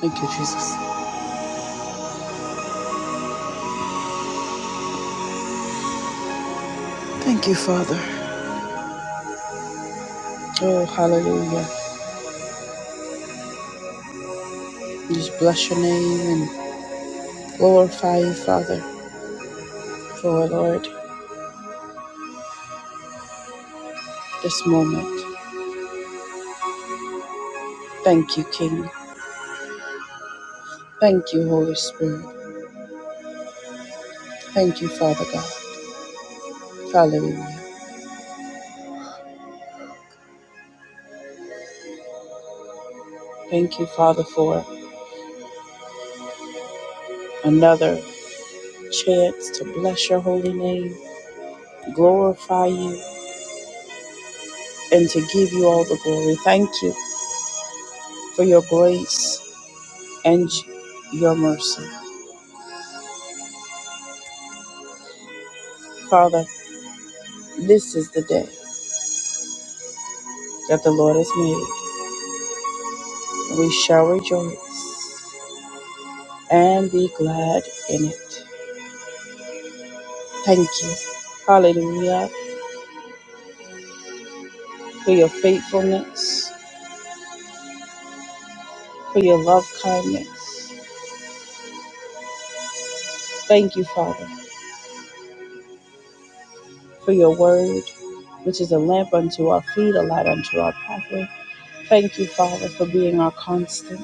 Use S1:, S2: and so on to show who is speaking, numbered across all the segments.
S1: Thank you, Jesus. Thank you, Father. Oh, hallelujah. Just bless your name and glorify you, Father, for Lord, this moment. Thank you, King. Thank you, Holy Spirit. Thank you, Father God. Hallelujah. Thank you, Father, for another chance to bless your holy name, glorify you, and to give you all the glory. Thank you for your grace and your mercy. Father, this is the day that the Lord has made We shall rejoice and be glad in it. Thank you. Hallelujah. For your faithfulness, for your love kindness. Thank you, Father, for your word, which is a lamp unto our feet, a light unto our pathway. Thank you, Father, for being our constant.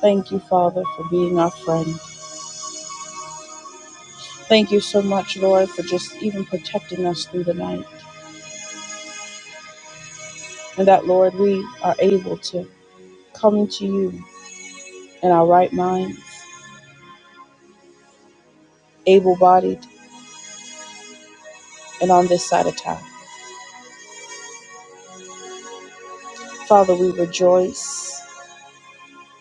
S1: Thank you, Father, for being our friend. Thank you so much, Lord, for just even protecting us through the night. And that, Lord, we are able to come to you in our right minds able bodied, and on this side of town. Father, we rejoice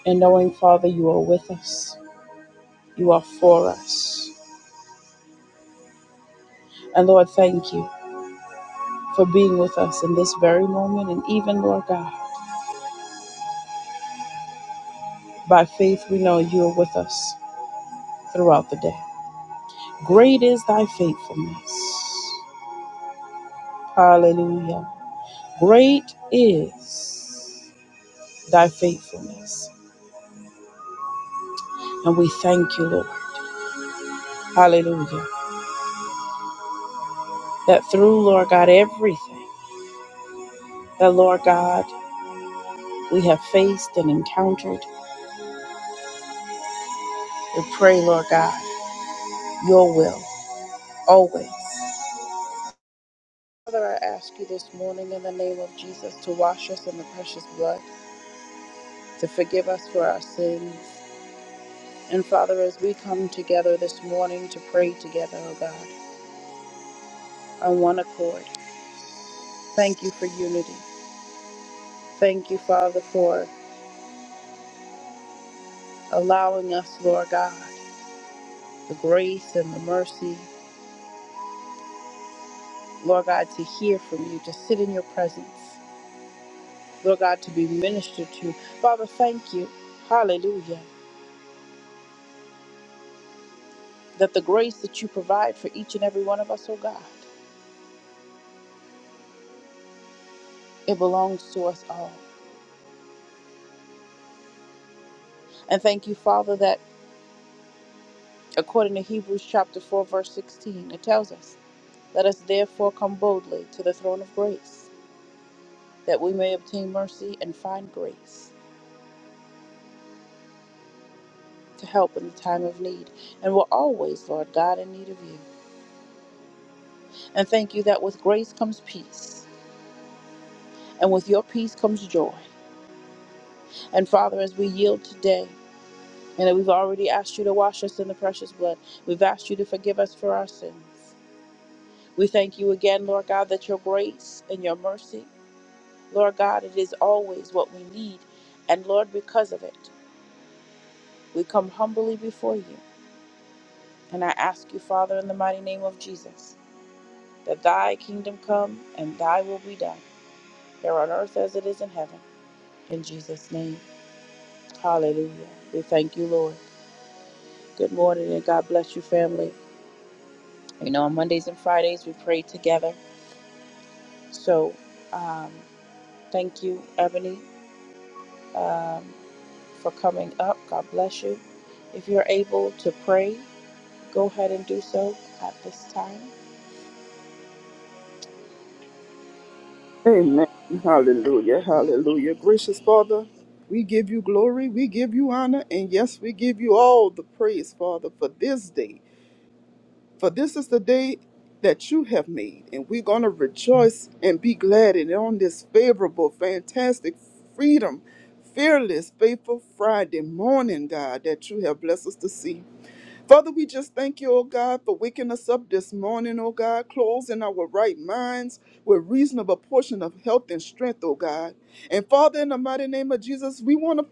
S1: in knowing, Father, you are with us, you are for us. And Lord, thank you for being with us in this very moment. And even, Lord God, by faith, we know you are with us throughout the day. Great is thy faithfulness. Hallelujah. Great is thy faithfulness. And we thank you, Lord. Hallelujah. That through, Lord God, everything, that Lord God we have faced and encountered. We pray, Lord God, your will always. Father, I ask you this morning in the name of Jesus to wash us in the precious blood, to forgive us for our sins. And Father, as we come together this morning to pray together, oh God, on one accord, thank you for unity. Thank you, Father, for allowing us, Lord God, the grace and the mercy, Lord God, to hear from you, to sit in your presence. Lord God, to be ministered to. Father, thank you. Hallelujah. That the grace that you provide for each and every one of us, oh God, it belongs to us all. And thank you, Father, that according to Hebrews chapter 4, verse 16, it tells us, Let us therefore come boldly to the throne of grace, that we may obtain mercy and find grace to help in the time of need. And we're always, Lord God, in need of you. And thank you that with grace comes peace, and with your peace comes joy. And Father, as we yield today, And we've already asked you to wash us in the precious blood. We've asked you to forgive us for our sins. We thank you again, Lord God, that your grace and your mercy, Lord God, it is always what we need. And Lord, because of it, we come humbly before you. And I ask you, Father, in the mighty name of Jesus, that thy kingdom come and thy will be done, here on earth as it is in heaven. In Jesus' name, hallelujah. We thank you, Lord. Good morning and God bless you, family. You know, on Mondays and Fridays, we pray together So, um, thank you, Ebony, um, for coming up. God bless you. If you're able to pray, go ahead and do so at this time.
S2: Amen. Hallelujah. Hallelujah. Gracious Father, we give you glory, we give you honor, and yes, we give you all the praise, Father, for this day. For this is the day that you have made, and we're going to rejoice and be glad in it on this favorable, fantastic freedom. Fearless, faithful Friday morning, God, that you have blessed us to see. Father, we just thank you, oh God, for waking us up this morning, oh God, closing our right minds with reasonable portion of health and strength, oh God. And Father, in the mighty name of Jesus, we want to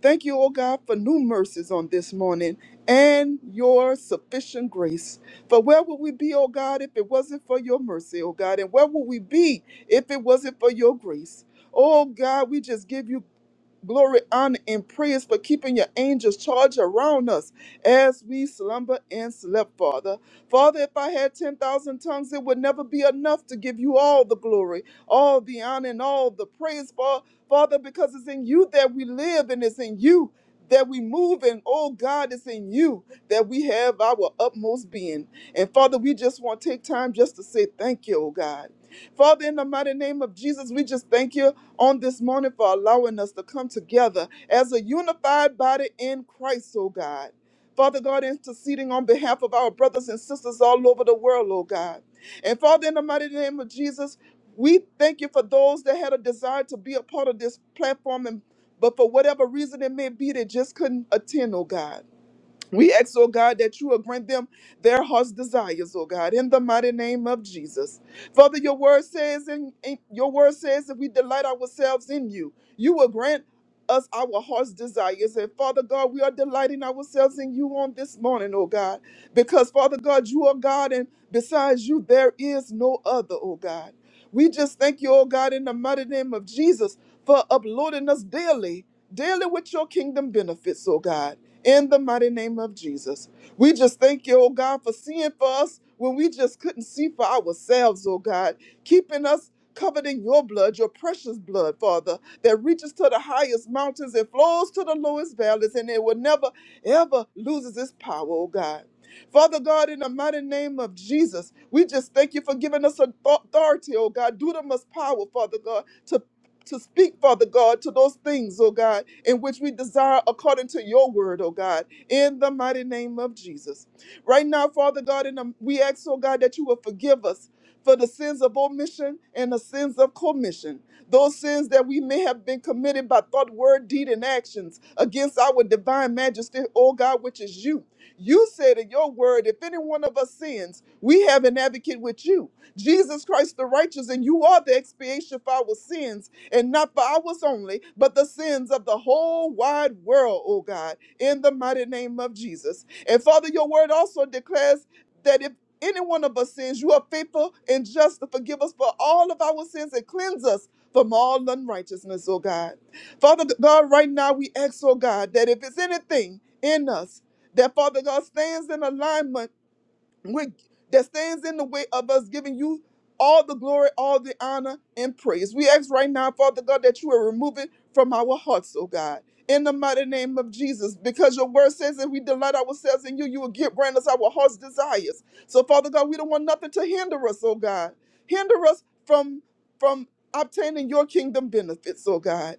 S2: thank you, oh God, for new mercies on this morning and your sufficient grace. For where would we be, oh God, if it wasn't for your mercy, oh God? And where would we be if it wasn't for your grace? Oh God, we just give you glory, honor, and praise for keeping your angels charge around us as we slumber and slept, Father. Father, if I had 10,000 tongues, it would never be enough to give you all the glory, all the honor, and all the praise, Fa- Father, because it's in you that we live and it's in you. That we move and oh God, it's in you that we have our utmost being. And Father, we just want to take time just to say thank you, oh God. Father, in the mighty name of Jesus, we just thank you on this morning for allowing us to come together as a unified body in Christ, oh God. Father God, interceding on behalf of our brothers and sisters all over the world, oh God. And Father, in the mighty name of Jesus, we thank you for those that had a desire to be a part of this platform, and but for whatever reason it may be, they just couldn't attend, oh God. We ask, oh God, that you will grant them their heart's desires, oh God, in the mighty name of Jesus. Father, your word says, and your word says, if we delight ourselves in you, you will grant us our heart's desires. And Father God, we are delighting ourselves in you on this morning, oh God, because Father God, you are God, and besides you, there is no other, oh God. We just thank you, oh God, in the mighty name of Jesus for uploading us daily, daily with your kingdom benefits, oh God in the mighty name of Jesus. We just thank you, oh God, for seeing for us when we just couldn't see for ourselves, oh God, keeping us covered in your blood, your precious blood, Father, that reaches to the highest mountains and flows to the lowest valleys, and it will never, ever loses its power, oh God. Father God, in the mighty name of Jesus, we just thank you for giving us authority, oh God. Do the most power, Father God, to to speak, Father God, to those things, oh God, in which we desire according to your word, oh God, in the mighty name of Jesus. Right now, Father God, in the, we ask, oh God, that you will forgive us for the sins of omission and the sins of commission, those sins that we may have been committed by thought, word, deed, and actions against our divine majesty, oh God, which is you. You said in your word, if any one of us sins, we have an advocate with you, Jesus Christ the righteous, and you are the expiation for our sins and not for ours only, but the sins of the whole wide world, O God, in the mighty name of Jesus. And Father, your word also declares that if any one of us sins, you are faithful and just to forgive us for all of our sins and cleanse us from all unrighteousness, O God. Father God, right now we ask, O God, that if it's anything in us, that Father God stands in alignment we that stands in the way of us giving you all the glory, all the honor, and praise. We ask right now, Father God, that you are removing from our hearts, oh God, in the mighty name of Jesus, because your word says that we delight ourselves in you, you will give grant us our heart's desires. So, Father God, we don't want nothing to hinder us, oh God. Hinder us from from obtaining your kingdom benefits, oh God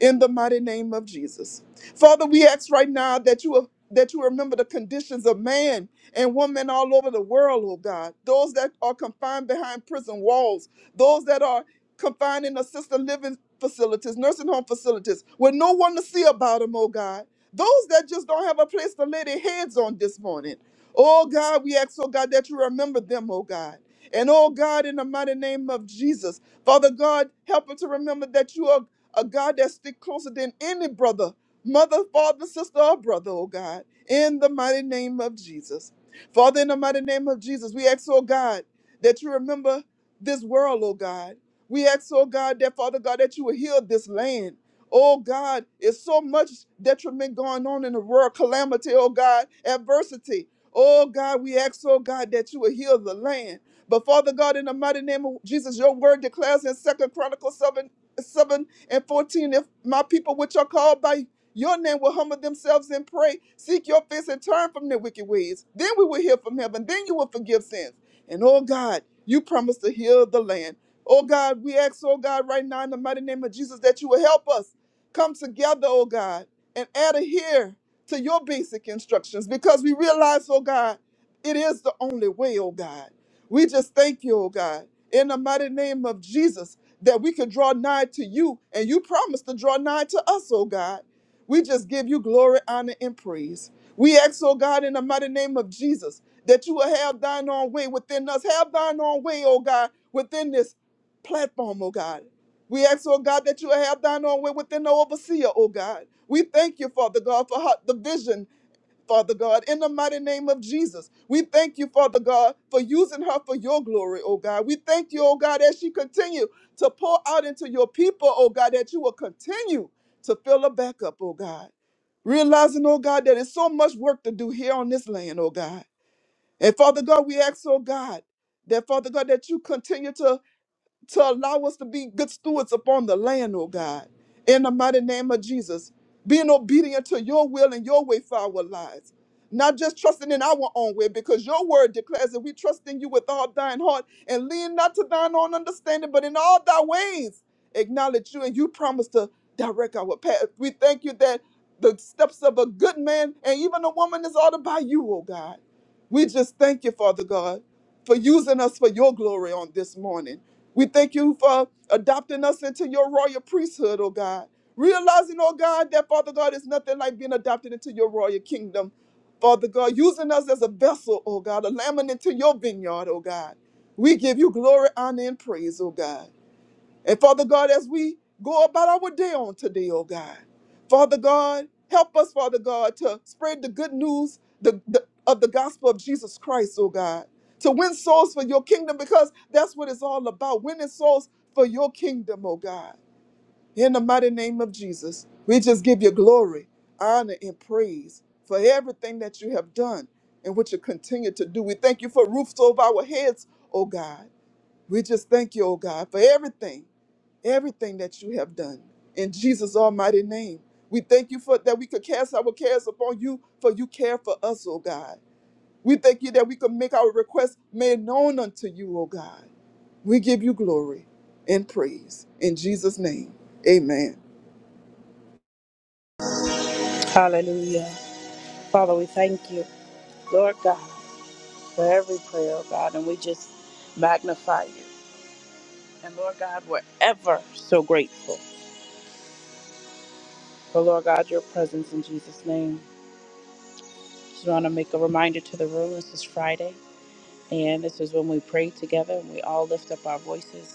S2: in the mighty name of Jesus. Father, we ask right now that you that you remember the conditions of man and women all over the world, oh God. Those that are confined behind prison walls, those that are confined in assisted living facilities, nursing home facilities, with no one to see about them, oh God. Those that just don't have a place to lay their heads on this morning. Oh God, we ask, oh God, that you remember them, oh God. And oh God, in the mighty name of Jesus, Father God, help us to remember that you are a God that sticks closer than any brother, mother, father, sister, or brother, oh God, in the mighty name of Jesus. Father, in the mighty name of Jesus, we ask, oh God, that you remember this world, oh God. We ask, oh God, that Father God, that you will heal this land. Oh God, it's so much detriment going on in the world, calamity, oh God, adversity. Oh God, we ask, oh God, that you will heal the land. But Father God, in the mighty name of Jesus, your word declares in Second Chronicles 7, 7 and 14, if my people which are called by your name will humble themselves and pray, seek your face and turn from their wicked ways. Then we will hear from heaven. Then you will forgive sins. And oh God, you promise to heal the land. Oh God, we ask, oh God, right now in the mighty name of Jesus that you will help us come together, oh God, and adhere to your basic instructions because we realize, oh God, it is the only way, oh God. We just thank you, oh God, in the mighty name of Jesus, that we can draw nigh to you and you promise to draw nigh to us, oh God. We just give you glory, honor, and praise. We ask, oh God, in the mighty name of Jesus, that you will have thine own way within us. Have thine own way, oh God, within this platform, oh God. We ask, oh God, that you will have thine own way within the overseer, oh God. We thank you, Father God, for her- the vision Father God, in the mighty name of Jesus. We thank you, Father God, for using her for your glory, oh God. We thank you, oh God, as she continue to pour out into your people, oh God, that you will continue to fill her back up, oh God. Realizing, oh God, that it's so much work to do here on this land, oh God. And Father God, we ask, oh God, that Father God, that you continue to to allow us to be good stewards upon the land, oh God. In the mighty name of Jesus, being obedient to your will and your way for our lives. Not just trusting in our own way, because your word declares that we trust in you with all thine heart and lean not to thine own understanding, but in all thy ways acknowledge you, and you promise to direct our path. We thank you that the steps of a good man and even a woman is ordered by you, oh God. We just thank you, Father God, for using us for your glory on this morning. We thank you for adopting us into your royal priesthood, oh God. Realizing, oh God, that Father God is nothing like being adopted into your royal kingdom. Father God, using us as a vessel, oh God, a lamb into your vineyard, oh God. We give you glory, honor, and praise, oh God. And Father God, as we go about our day on today, oh God, Father God, help us, Father God, to spread the good news the, the- of the gospel of Jesus Christ, oh God, to win souls for your kingdom because that's what it's all about, winning souls for your kingdom, oh God. In the mighty name of Jesus, we just give you glory, honor, and praise for everything that you have done and what you continue to do. We thank you for roofs over our heads, oh God. We just thank you, oh God, for everything, everything that you have done. In Jesus' almighty name, we thank you for that we could cast our cares upon you, for you care for us, oh God. We thank you that we could make our requests made known unto you, oh God. We give you glory and praise. In Jesus' name, amen.
S1: Hallelujah. Father, we thank you, Lord God, for every prayer, oh God, and we just magnify you. And Lord God, we're ever so grateful for, Lord God, your presence in Jesus' name. Just want to make a reminder to the room this is Friday, and this is when we pray together and we all lift up our voices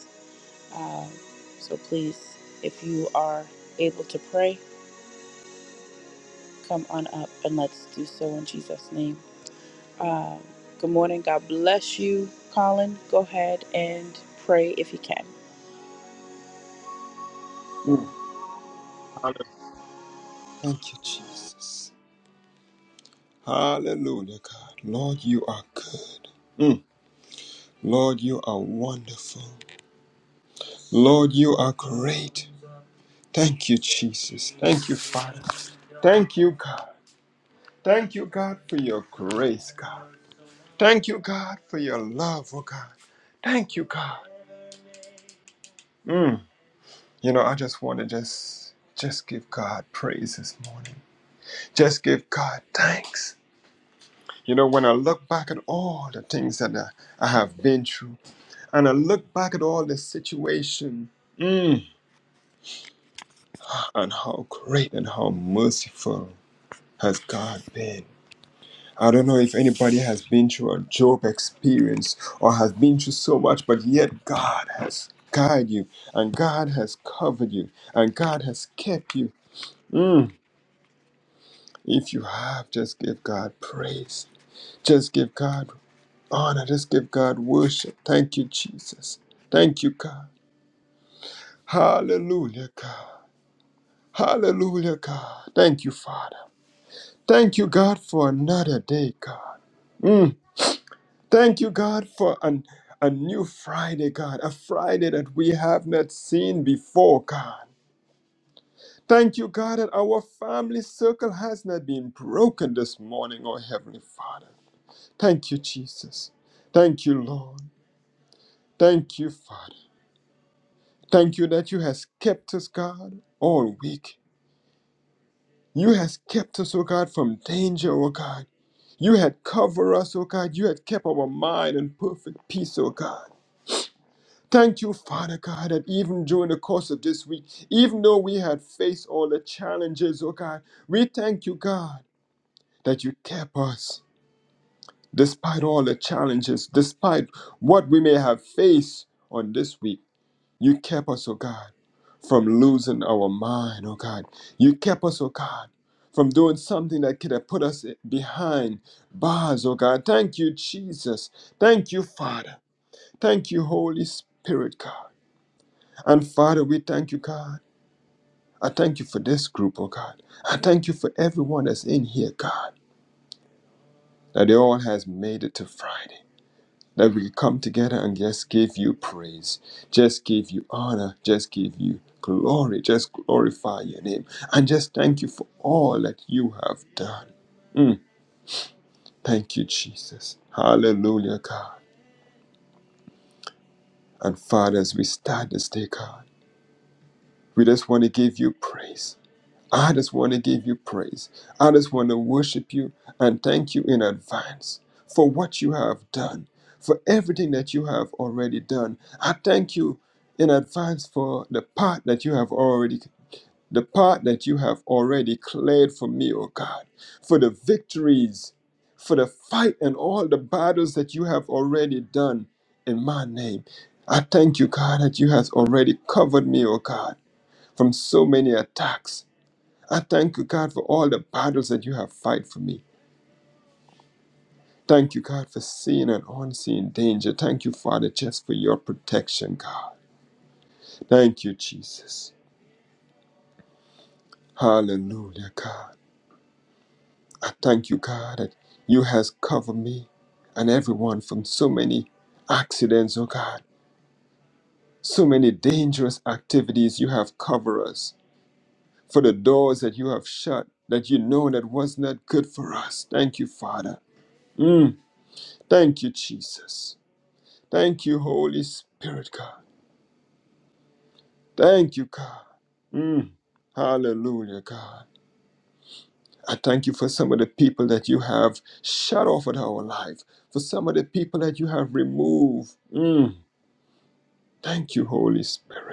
S1: Um, so please, if you are able to pray, come on up and let's do so in Jesus' name. Um, good morning. God bless you, Colin. Go ahead and pray if you can.
S3: Mm. Hallelujah. Thank you, Jesus. Hallelujah, God. Lord, you are good. Mm. Lord, you are wonderful. Lord, you are great. Thank you, Jesus. Thank you, Father. Thank you, God. Thank you, God, for your grace, God. Thank you, God, for your love, oh God. Thank you, God. Mm. You know, I just want to just just give God praise this morning. Just give God thanks. You know, when I look back at all the things that I, I have been through, and I look back at all the situation, mm, and how great and how merciful has God been. I don't know if anybody has been through a Job experience or has been through so much, but yet God has guided you, and God has covered you, and God has kept you. Mm, if you have, just give God praise. Just give God honor. Let's give God worship. Thank you, Jesus. Thank you, God. Hallelujah, God. Hallelujah, God. Thank you, Father. Thank you, God, for another day, God. Mm. Thank you, God, for an, a new Friday, God. A Friday that we have not seen before, God. Thank you, God, that our family circle has not been broken this morning, oh Heavenly Father. Thank you, Jesus. Thank you, Lord. Thank you, Father. Thank you that you has kept us, God, all week. You has kept us, O God, from danger, O God. You had covered us, O God. You had kept our mind in perfect peace, O God. Thank you, Father God, that even during the course of this week, even though we had faced all the challenges, O God, we thank you, God, that you kept us despite all the challenges, despite what we may have faced on this week. You kept us, oh God, from losing our mind, oh God. You kept us, oh God, from doing something that could have put us behind bars, oh God. Thank you, Jesus. Thank you, Father. Thank you, Holy Spirit, God. And Father, we thank you, God. I thank you for this group, oh God. I thank you for everyone that's in here, God, that they all has made it to Friday. that we come together and just give you praise, just give you honor, just give you glory, just glorify your name, and just thank you for all that you have done. Mm, Thank you, Jesus. Hallelujah, God. And Father, as we start this day, God, we just want to give you praise. I just want to give you praise. I just want to worship you and thank you in advance for what you have done, for everything that you have already done. I thank you in advance for the part that you have already the part that you have already cleared for me, O God, for the victories, for the fight and all the battles that you have already done in my name. I thank you, God, that you has already covered me, O God, from so many attacks I thank you, God, for all the battles that you have fight for me. Thank you, God, for seeing and unseen danger. Thank you, Father, just for your protection, God. Thank you, Jesus. Hallelujah, God. I thank you, God, that you has covered me and everyone from so many accidents, oh God. So many dangerous activities you have covered us. For the doors that you have shut that you know that was not good for us. Thank you, Father. Mm, thank you, Jesus. Thank you, Holy Spirit, God. Thank you, God. Mm. Hallelujah, God. I thank you for some of the people that you have shut off in our life, for some of the people that you have removed. Mm. Thank you, Holy Spirit.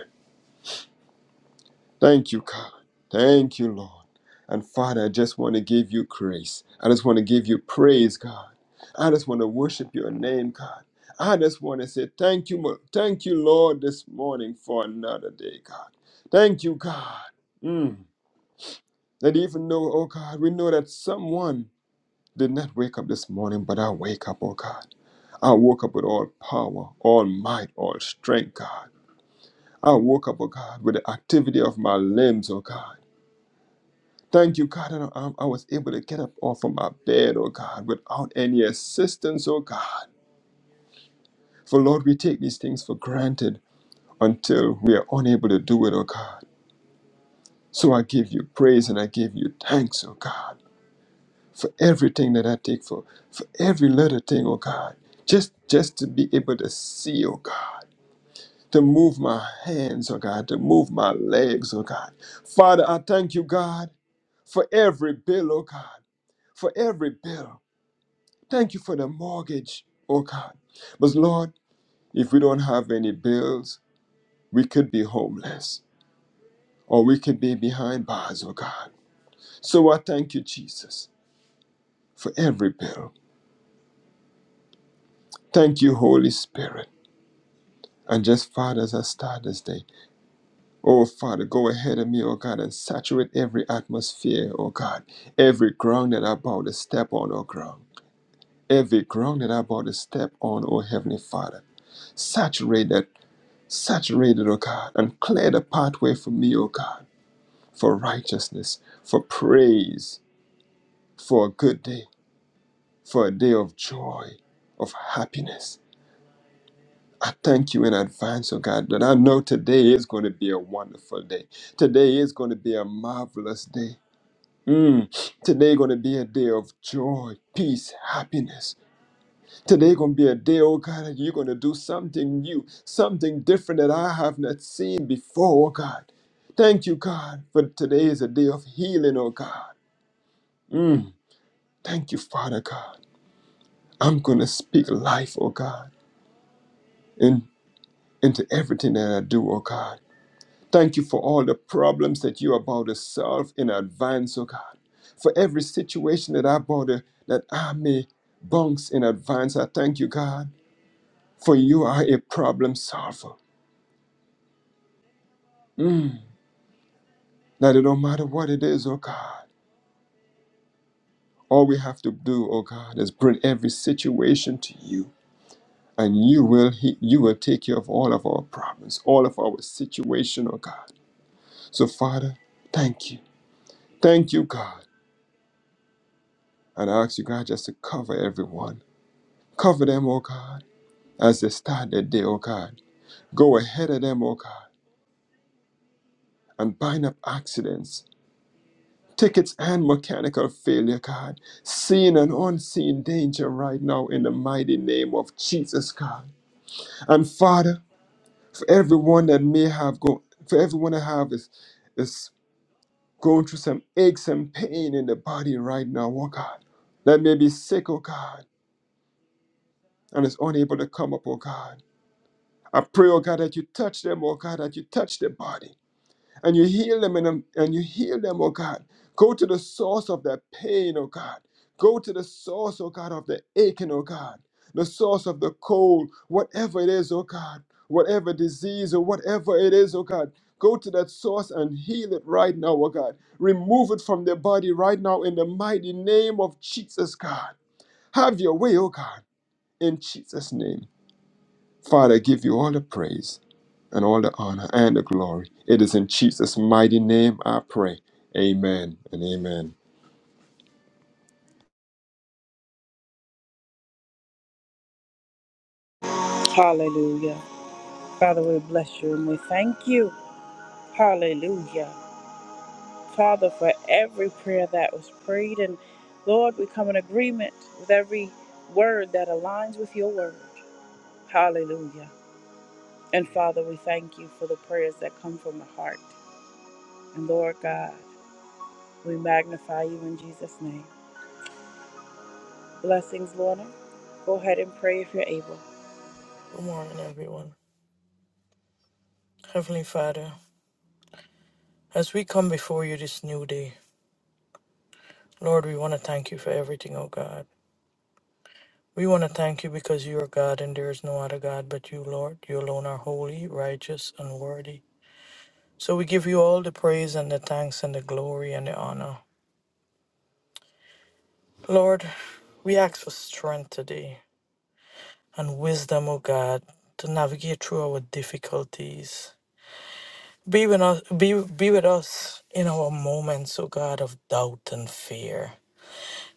S3: Thank you, God. Thank you, Lord. And Father, I just want to give you grace. I just want to give you praise, God. I just want to worship your name, God. I just want to say thank you, Mo- thank you, Lord, this morning for another day, God. Thank you, God. Mm. That even though, oh God, we know that someone did not wake up this morning, but I wake up, oh God. I woke up with all power, all might, all strength, God. I woke up, oh God, with the activity of my limbs, oh God. Thank you, God, that I, I was able to get up off of my bed, oh God, without any assistance, oh God. For Lord, we take these things for granted until we are unable to do it, oh God. So I give you praise and I give you thanks, oh God, for everything that I take for, for every little thing, oh God. Just, just to be able to see, oh God, to move my hands, oh God, to move my legs, oh God. Father, I thank you, God, for every bill, oh God, for every bill. Thank you for the mortgage, oh God. But Lord, if we don't have any bills, we could be homeless or we could be behind bars, oh God. So I thank you, Jesus, for every bill. Thank you, Holy Spirit. And just, Father, as I start this day, oh Father, go ahead of me, oh God, and saturate every atmosphere, oh God, every ground that I bow to step on, oh ground. Every ground that I bow to step on, oh Heavenly Father, saturate that Saturate it, O God, and clear the pathway for me, O God, for righteousness, for praise, for a good day, for a day of joy, of happiness. I thank you in advance, O God, that I know today is going to be a wonderful day. Today is going to be a marvelous day. Mm. Today going to be a day of joy, peace, happiness. Today gonna be a day, oh God, that you're gonna do something new, something different that I have not seen before, oh God. Thank you, God, for today is a day of healing, oh God. Mm. Thank you, Father God. I'm gonna speak life, oh God, in, into everything that I do, oh God. Thank you for all the problems that you're about to solve in advance, oh God. For every situation that I bother that I may bounce in advance, I thank you, God, for you are a problem solver. Mm. That it don't matter what it is, oh God. All we have to do, oh God, is bring every situation to you. And you will he- you will take care of all of our problems, all of our situation, oh God. So Father, thank you. Thank you, God. And I ask you, God, just to cover everyone. Cover them, oh God, as they start their day, oh God. Go ahead of them, oh God, and bind up accidents tickets and mechanical failure, God. Seen and unseen danger right now in the mighty name of Jesus, God. And Father, for everyone that may have gone, for everyone that have is, is going through some aches and pain in the body right now, oh God, that may be sick, oh God, and is unable to come up, oh God. I pray, oh God, that you touch them, oh God, that you touch their body. and you heal them and, and you heal them, oh God. Go to the source of their pain, oh God. Go to the source, oh God, of the aching, oh God. The source of the cold, whatever it is, oh God. Whatever disease or whatever it is, oh God. Go to that source and heal it right now, oh God. Remove it from their body right now in the mighty name of Jesus, God. Have your way, oh God. In Jesus' name, Father, I give you all the praise and all the honor and the glory. It is in Jesus' mighty name I pray. Amen and amen.
S1: Hallelujah. Father, we bless you and we thank you. Hallelujah. Father, for every prayer that was prayed. And Lord, we come in agreement with every word that aligns with your word. Hallelujah. And Father, we thank you for the prayers that come from the heart. And Lord God, we magnify you in Jesus' name. Blessings, Lorna. Go ahead and pray if you're able.
S4: Good morning, everyone. Heavenly Father, as we come before you this new day, Lord, we want to thank you for everything, oh God. We want to thank you because you are God and there is no other God but you, Lord. You alone are holy, righteous, and worthy. So we give you all the praise and the thanks and the glory and the honor. Lord, we ask for strength today and wisdom, O God, to navigate through our difficulties. Be with us, be, be with us in our moments, O God, of doubt and fear.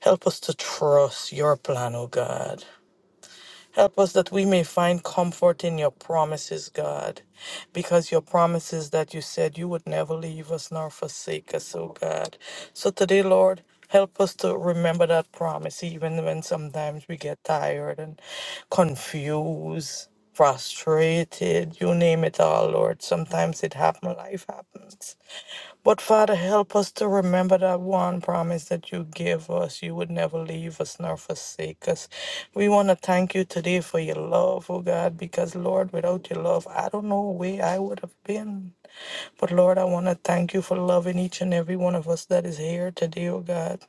S4: Help us to trust your plan, O God. Help us that we may find comfort in your promises, God, because your promises that you said you would never leave us nor forsake us, O God. So today, Lord, help us to remember that promise, even when sometimes we get tired and confused, frustrated, you name it all, Lord. Sometimes it happens, life happens. But Father, help us to remember that one promise that you give us. You would never leave us nor forsake us. We want to thank you today for your love, oh God, because Lord, without your love, I don't know where I would have been. But Lord, I want to thank you for loving each and every one of us that is here today, oh God.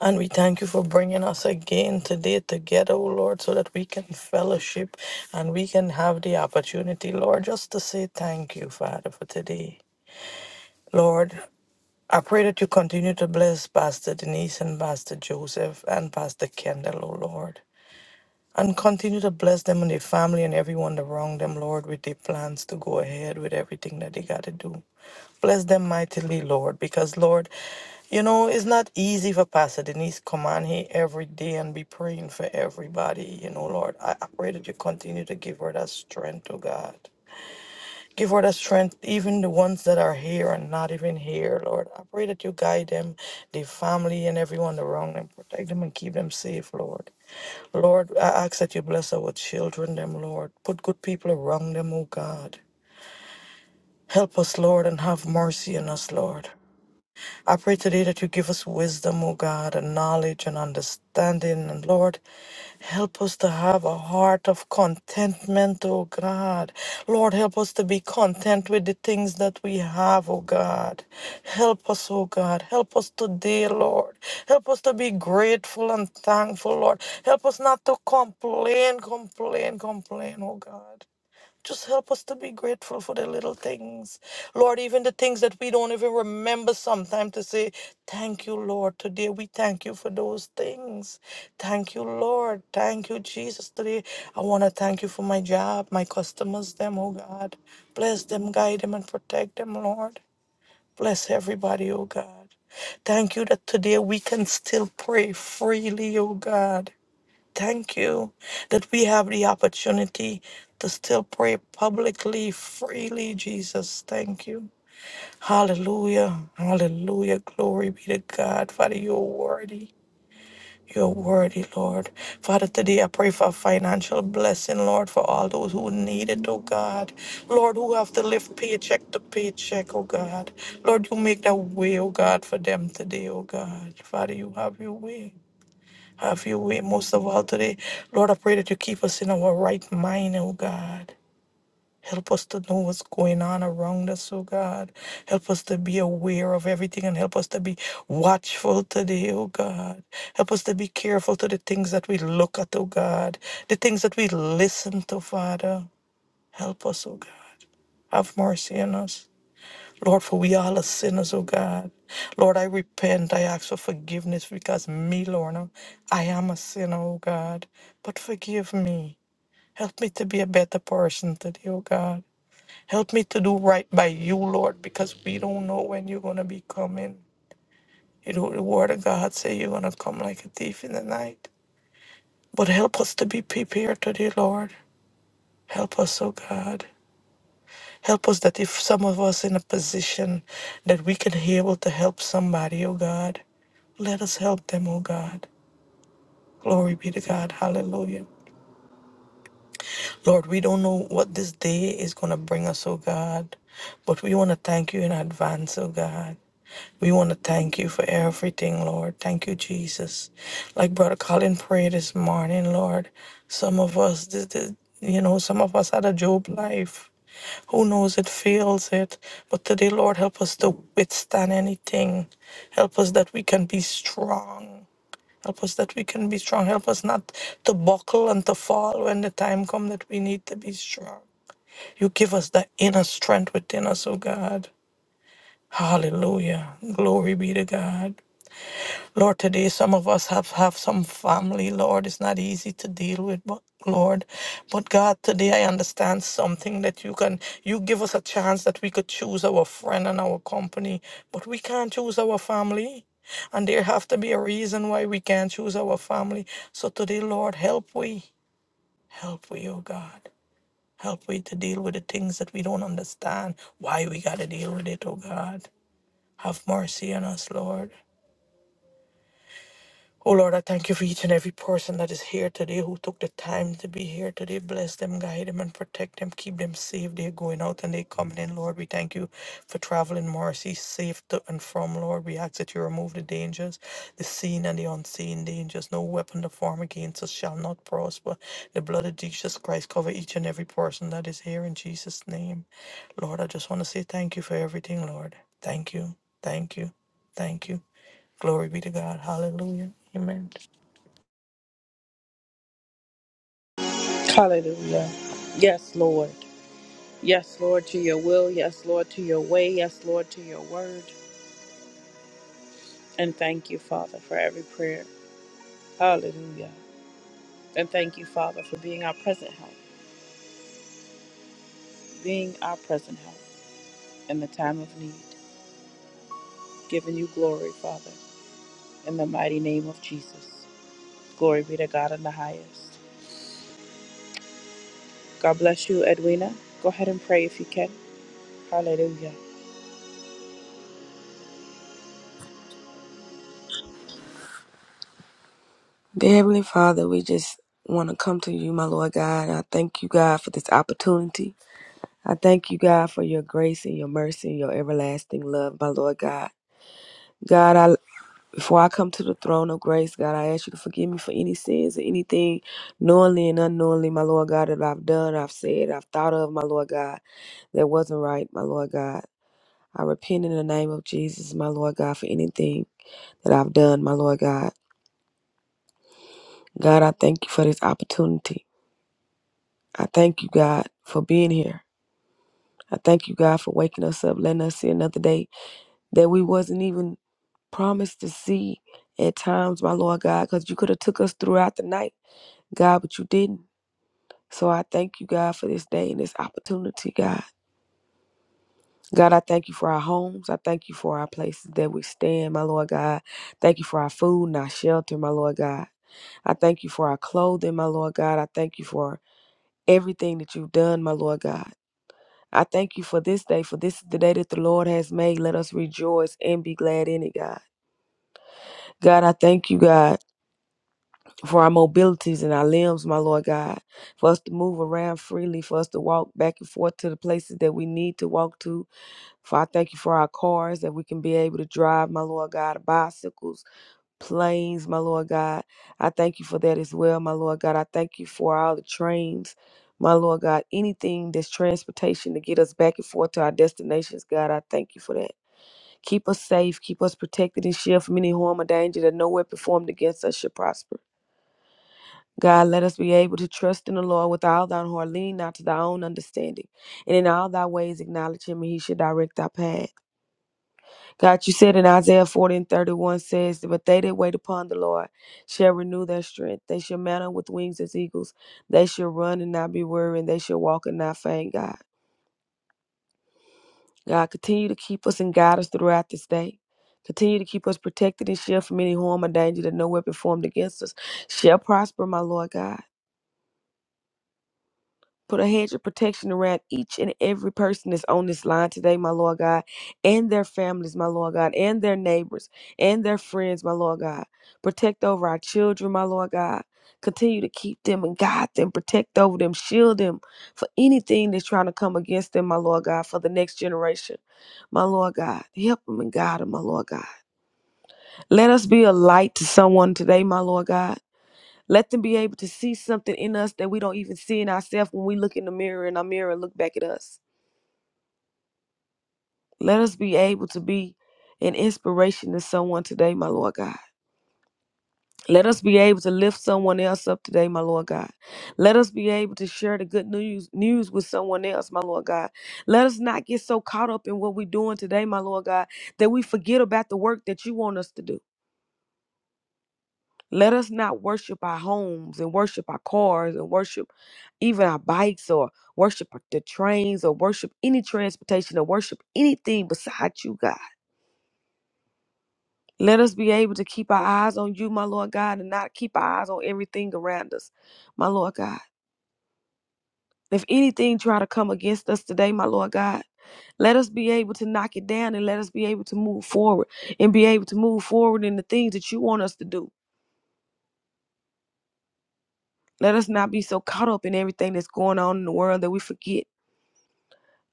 S4: And we thank you for bringing us again today together, oh Lord, so that we can fellowship and we can have the opportunity, Lord, just to say thank you, Father, for today. Lord. I pray that you continue to bless Pastor Denise and Pastor Joseph and Pastor Kendall, O Lord. And continue to bless them and their family and everyone that wronged them, Lord, with their plans to go ahead with everything that they got to do. Bless them mightily, Lord, because, Lord, you know, it's not easy for Pastor Denise come on here every day and be praying for everybody, you know, Lord. I, I pray that you continue to give her that strength, oh God. Give her the strength, even the ones that are here and not even here, Lord. I pray that you guide them, their family, and everyone around them. Protect them and keep them safe, Lord. Lord, I ask that you bless our children, them, Lord. Put good people around them, O God. Help us, Lord, and have mercy on us, Lord. I pray today that you give us wisdom, O God, and knowledge and understanding. And Lord, help us to have a heart of contentment, O God. Lord, help us to be content with the things that we have, O God. Help us, O God. Help us today, Lord. Help us to be grateful and thankful, Lord. Help us not to complain, complain, complain, O God. Just help us to be grateful for the little things. Lord, even the things that we don't even remember sometimes to say, Thank you, Lord. Today we thank you for those things. Thank you, Lord. Thank you, Jesus. Today I want to thank you for my job, my customers, them, oh God. Bless them, guide them, and protect them, Lord. Bless everybody, oh God. Thank you that today we can still pray freely, oh God. Thank you that we have the opportunity to still pray publicly, freely, Jesus. Thank you. Hallelujah. Hallelujah. Glory be to God. Father, you're worthy. You're worthy, Lord. Father, today I pray for financial blessing, Lord, for all those who need it, oh God. Lord, who have to live paycheck to paycheck, oh God. Lord, you make that way, oh God, for them today, oh God. Father, you have your way. Have your way most of all today. Lord, I pray that you keep us in our right mind, oh God. Help us to know what's going on around us, oh God. Help us to be aware of everything and help us to be watchful today, oh God. Help us to be careful to the things that we look at, oh God. The things that we listen to, Father. Help us, oh God. Have mercy on us. Lord, for we all are sinners, oh God. Lord, I repent. I ask for forgiveness because me, Lorna, I am a sinner, oh God. But forgive me. Help me to be a better person today, oh God. Help me to do right by you, Lord, because we don't know when you're going to be coming. You know, the word of God say you're going to come like a thief in the night. But help us to be prepared today, Lord. Help us, oh God. Help us that if some of us in a position that we can be able to help somebody, oh God, let us help them, oh God. Glory be to God. Hallelujah. Lord, we don't know what this day is going to bring us, oh God, but we want to thank you in advance, oh God. We want to thank you for everything, Lord. Thank you, Jesus. Like Brother Colin prayed this morning, Lord. Some of us, th- th- you know, some of us had a Job life. Who knows it feels it. But today, Lord, help us to withstand anything. Help us that we can be strong. Help us that we can be strong. Help us not to buckle and to fall when the time comes that we need to be strong. You give us that inner strength within us, oh God. Hallelujah. Glory be to God. Lord, today some of us have, have some family, Lord. It's not easy to deal with, but Lord, but God, today I understand something that you can, you give us a chance that we could choose our friend and our company, but we can't choose our family. And there have to be a reason why we can't choose our family. So today, Lord, help we, help we, oh God. Help we to deal with the things that we don't understand, why we got to deal with it, oh God. Have mercy on us, Lord. Oh Lord, I thank you for each and every person that is here today who took the time to be here today. Bless them, guide them, and protect them. Keep them safe. They're going out and they're coming in, Lord. We thank you for traveling mercy safe to and from, Lord. We ask that you remove the dangers, the seen and the unseen dangers. No weapon to form against us shall not prosper. The blood of Jesus Christ cover each and every person that is here in Jesus' name. Lord, I just want to say thank you for everything, Lord. Thank you. Thank you. Thank you. Glory be to God. Hallelujah. Amen.
S1: Hallelujah. Yes, Lord. Yes, Lord, to your will. Yes, Lord, to your way. Yes, Lord, to your word. And thank you, Father, for every prayer. Hallelujah. And thank you, Father, for being our present help, being our present help in the time of need. Giving you glory, Father, in the mighty name of Jesus. Glory be to God in the highest. God bless you, Edwina. Go ahead and pray if you can. Hallelujah.
S5: Dear Heavenly Father, we just want to come to you, my Lord God. I thank you, God, for this opportunity. I thank you, God, for your grace and your mercy and your everlasting love, my Lord God. God, I before I come to the throne of grace, God, I ask you to forgive me for any sins or anything knowingly and unknowingly, my Lord God, that I've done, I've said, I've thought of, my Lord God, that wasn't right, my Lord God. I repent in the name of Jesus, my Lord God, for anything that I've done, my Lord God. God, I thank you for this opportunity. I thank you, God, for being here. I thank you, God, for waking us up, letting us see another day that we wasn't even promised to see at times, my Lord God, because you could have took us throughout the night, God, but you didn't. So I thank you, God, for this day and this opportunity, God. God, I thank you for our homes. I thank you for our places that we stand, my Lord God. Thank you for our food and our shelter, my Lord God. I thank you for our clothing, my Lord God. I thank you for everything that you've done, my Lord God. I thank you for this day, for this is the day that the Lord has made. Let us rejoice and be glad in it, God. God, I thank you, God, for our mobilities and our limbs, my Lord God, for us to move around freely, for us to walk back and forth to the places that we need to walk to. For I thank you for our cars that we can be able to drive, my Lord God, bicycles planes, my Lord God. I thank you for that as well, my Lord God. I thank you for all the trains, my Lord God. Anything that's transportation to get us back and forth to our destinations, God, I thank you for that. Keep us safe, keep us protected and shield from any harm or danger that no weapon formed against us should prosper. God, let us be able to trust in the Lord with all thine heart, lean not to thy own understanding, and in all thy ways acknowledge him, and he should direct our path. God, you said in Isaiah 40 and 31 says, But they that wait upon the Lord shall renew their strength. They shall mount up with wings as eagles. They shall run and not be weary, and they shall walk and not faint, God. God, continue to keep us and guide us throughout this day. Continue to keep us protected and shield from any harm or danger that no weapon formed against us shall prosper, my Lord God. Put a hedge of protection around each and every person that's on this line today, my Lord God, and their families, my Lord God, and their neighbors, and their friends, my Lord God. Protect over our children, my Lord God. Continue to keep them and guide them, protect over them, shield them for anything that's trying to come against them, my Lord God, for the next generation, my Lord God. Help them and guide them, my Lord God. Let us be a light to someone today, my Lord God. Let them be able to see something in us that we don't even see in ourselves when we look in the mirror and our mirror look back at us. Let us be able to be an inspiration to someone today, my Lord God. Let us be able to lift someone else up today, my Lord God. Let us be able to share the good news news with someone else, my Lord God. Let us not get so caught up in what we're doing today, my Lord God, that we forget about the work that you want us to do. Let us not worship our homes and worship our cars and worship even our bikes or worship the trains or worship any transportation or worship anything besides you, God. Let us be able to keep our eyes on you, my Lord God, and not keep our eyes on everything around us, my Lord God. If anything try to come against us today, my Lord God, let us be able to knock it down and let us be able to move forward and be able to move forward in the things that you want us to do. Let us not be so caught up in everything that's going on in the world that we forget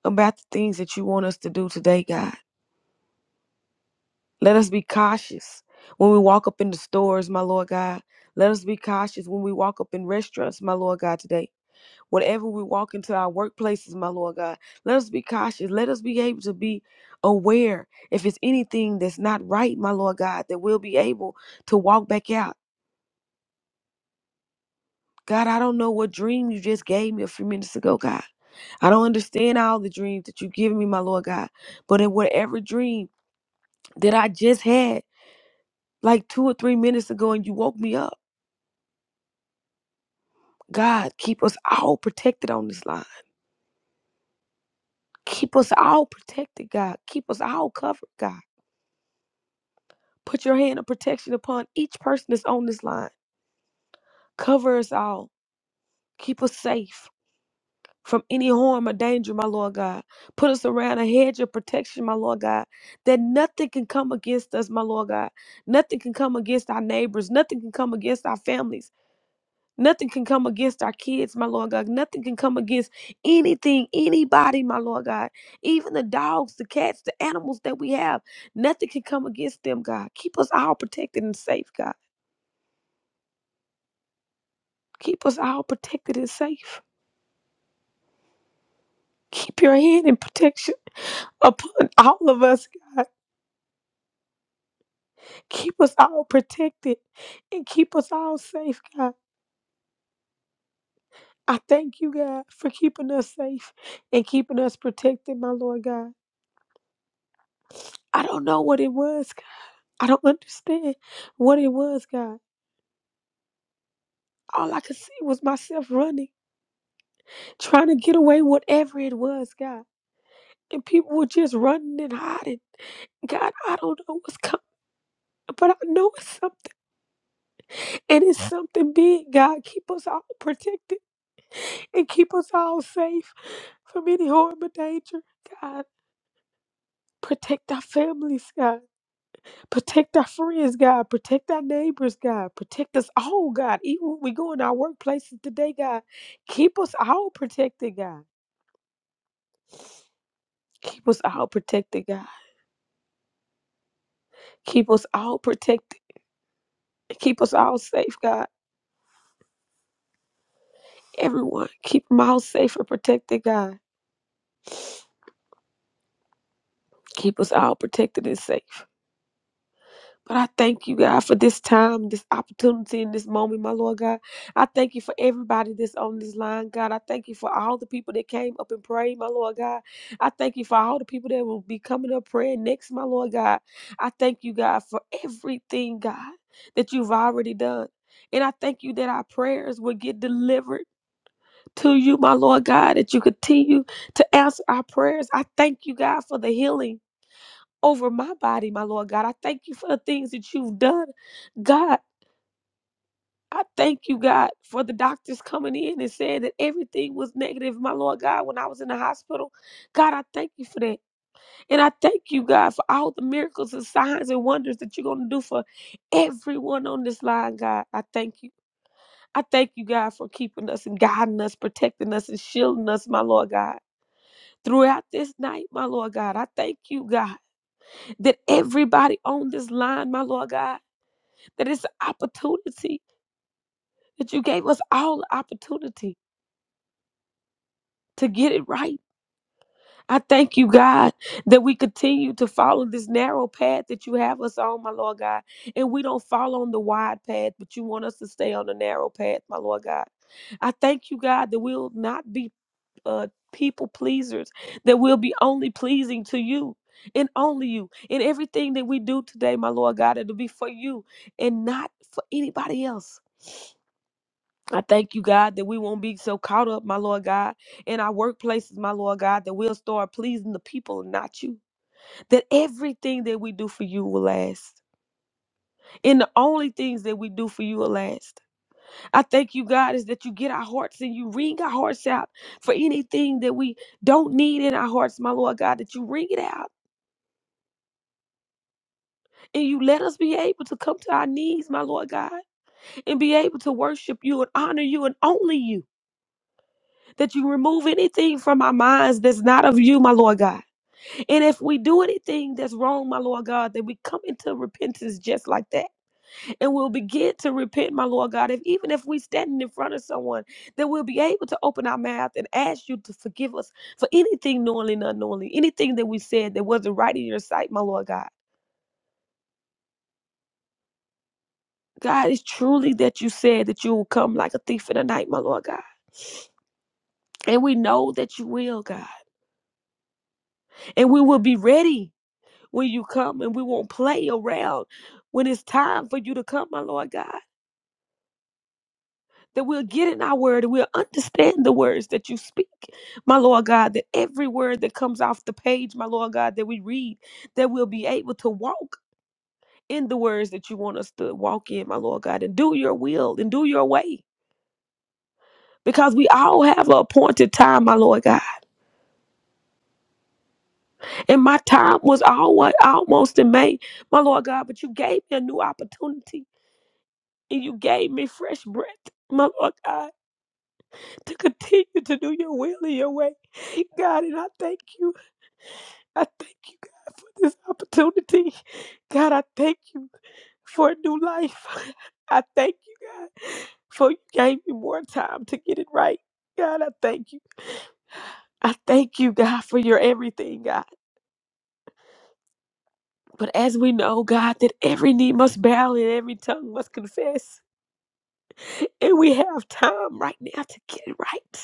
S5: about the things that you want us to do today, God. Let us be cautious when we walk up in the stores, my Lord God. Let us be cautious when we walk up in restaurants, my Lord God, today. Whatever we walk into our workplaces, my Lord God, let us be cautious. Let us be able to be aware if it's anything that's not right, my Lord God, that we'll be able to walk back out. God, I don't know what dream you just gave me a few minutes ago, God. I don't understand all the dreams that you've given me, my Lord God. But in whatever dream that I just had like two or three minutes ago and you woke me up, God, keep us all protected on this line. Keep us all protected, God. Keep us all covered, God. Put your hand of protection upon each person that's on this line. Cover us all. Keep us safe from any harm or danger, my Lord God. Put us around a hedge of protection, my Lord God, that nothing can come against us, my Lord God. Nothing can come against our neighbors. Nothing can come against our families. Nothing can come against our kids, my Lord God. Nothing can come against anything, anybody, my Lord God. Even the dogs, the cats, the animals that we have, nothing can come against them, God. Keep us all protected and safe, God. Keep us all protected and safe. Keep your hand and protection upon all of us, God. Keep us all protected and keep us all safe, God. I thank you, God, for keeping us safe and keeping us protected, my Lord God. I don't know what it was, I don't understand what it was, God. All I could see was myself running, trying to get away, whatever it was, God. And people were just running and hiding. God, I don't know what's coming, but I know it's something. And it's something big, God. Keep us all protected and keep us all safe from any harm or danger, God. Protect our families, God. Protect our friends, God. Protect our neighbors, God. Protect us all, God. Even when we go in our workplaces today, God, keep us all protected, God. Keep us all protected, God. Keep us all protected. Keep us all safe, God. Everyone, keep them all safe and protected, God. Keep us all protected and safe. But I thank you, God, for this time, this opportunity, and this moment, my Lord God. I thank you for everybody that's on this line, God. I thank you for all the people that came up and prayed, my Lord God. I thank you for all the people that will be coming up praying next, my Lord God. I thank you, God, for everything, God, that you've already done. And I thank you that our prayers will get delivered to you, my Lord God, that you continue to answer our prayers. I thank you, God, for the healing over my body, my Lord God. I thank you for the things that you've done, God. I thank you, God, for the doctors coming in and saying that everything was negative, my Lord God, when I was in the hospital. God, I thank you for that. And I thank you, God, for all the miracles and signs and wonders that you're going to do for everyone on this line, God. I thank you. I thank you, God, for keeping us and guiding us, protecting us, and shielding us, my Lord God. Throughout this night, my Lord God, I thank you, God, that everybody on this line, my Lord God, that it's an opportunity that you gave us all the opportunity to get it right. I thank you, God, that we continue to follow this narrow path that you have us on, my Lord God. And we don't follow on the wide path, but you want us to stay on the narrow path, my Lord God. I thank you, God, that we'll not be uh, people pleasers, that we'll be only pleasing to you and only you. In everything that we do today, my Lord God, it'll be for you and not for anybody else. I thank you, God, that we won't be so caught up, my Lord God, in our workplaces, my Lord God, that we'll start pleasing the people and not you. That everything that we do for you will last. And the only things that we do for you will last. I thank you, God, is that you get our hearts and you wring our hearts out for anything that we don't need in our hearts, my Lord God, that you wring it out and you let us be able to come to our knees, my Lord God, and be able to worship you and honor you and only you. that you remove anything from our minds that's not of you, my Lord God. And if we do anything that's wrong, my Lord God, that we come into repentance just like that. And we'll begin to repent, my Lord God. If even if we standing in front of someone, that we'll be able to open our mouth and ask you to forgive us for anything knowingly and unknowingly, anything that we said that wasn't right in your sight, my Lord God. God, it's truly that you said that you will come like a thief in the night, my Lord God. And we know that you will, God. And we will be ready when you come and we won't play around when it's time for you to come, my Lord God. That we'll get in our word and we'll understand the words that you speak, my Lord God. That every word that comes off the page, my Lord God, that we read, that we'll be able to walk in the words that you want us to walk in, my Lord God, and do your will and do your way. Because we all have an appointed time, my Lord God. And my time was alwa- almost in May, my Lord God, but you gave me a new opportunity and you gave me fresh breath, my Lord God, to continue to do your will in your way. God, and I thank you. I thank you, God, for this opportunity. God, I thank you for a new life. I thank you, God, for you gave me more time to get it right. God, I thank you. I thank you, God, for your everything, God. But as we know, God, that every knee must bow and every tongue must confess. And we have time right now to get it right.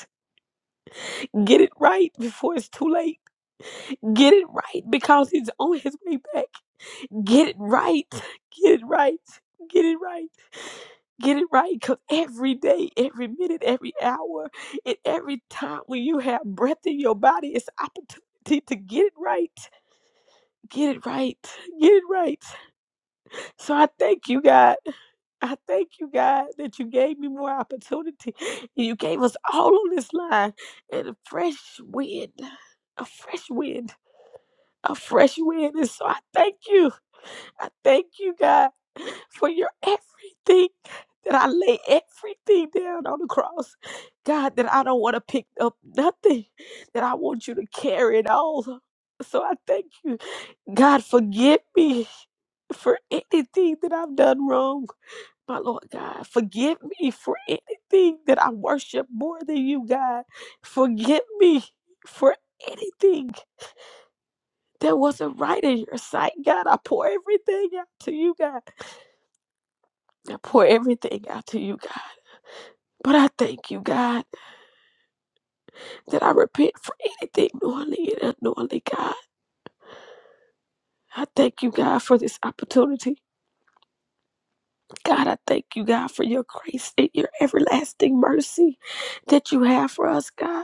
S5: Get it right before it's too late. Get it right because he's on his way back. Get it right. Get it right. Get it right. Get it right because every day, every minute, every hour, and every time when you have breath in your body, it's opportunity to get it right. Get it right. Get it right. So I thank you, God. I thank you, God, that you gave me more opportunity. You gave us all on this line and a fresh wind, a fresh wind, a fresh wind. And so I thank you. I thank you, God, for your everything. That I lay everything down on the cross. God, that I don't want to pick up nothing, that I want you to carry it all. So I thank you. God, forgive me for anything that I've done wrong my Lord God, forgive me for anything that I worship more than you, God. Forgive me for anything that wasn't right in your sight, God. I pour everything out to you, God. I pour everything out to you, God. But I thank you, God, that I repent for anything knowingly and unknowingly, God. I thank you, God, for this opportunity. God, I thank you, God, for your grace and your everlasting mercy that you have for us, God.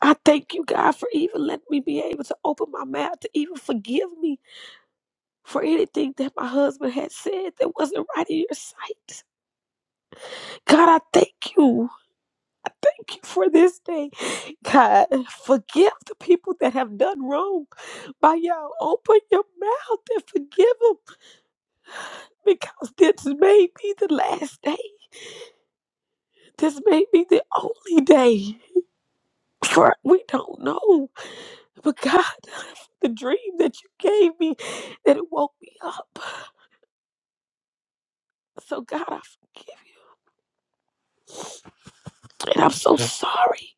S5: I thank you, God, for even letting me be able to open my mouth to even forgive me for anything that my husband had said that wasn't right in your sight. God, I thank you. I thank you for this day. God, forgive the people that have done wrong by y'all. Open your mouth and forgive them because this may be the last day. This may be the only day. For we don't know. But God, the dream that you gave me, that it woke me up. So God, I forgive you. And I'm so sorry.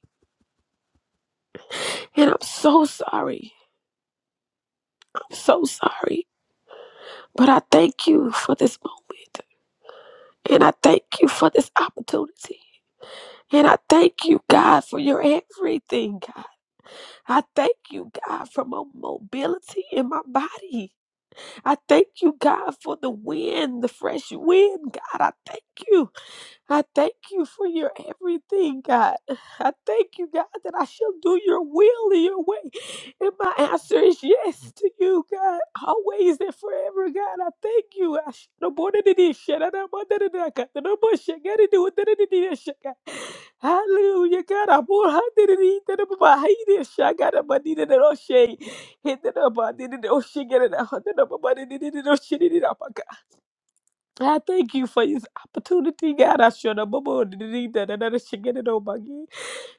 S5: And I'm so sorry. I'm so sorry. But I thank you for this moment. And I thank you for this opportunity. And I thank you, God, for your everything, God. I thank you, God, for my mobility in my body. I thank you, God, for the wind, the fresh wind, God. I thank you. I thank you for your everything, God. I thank you, God, that I shall do your will and your way. And my answer is yes to you, God, always and forever, God. I thank you. I sh- no more than it is, shit. I no more than it is, God. No more shit. Gotta do it, than it is, shit, God. Hallelujah, God. I'm more hot than it is, than I'm about hate it, shit. I got a money that I don't shake. Hit that up, I did it, oh shit, get it out. That up, I did it, oh shit, it up. I thank you for this opportunity, God. I should have need that and I should get it on my game.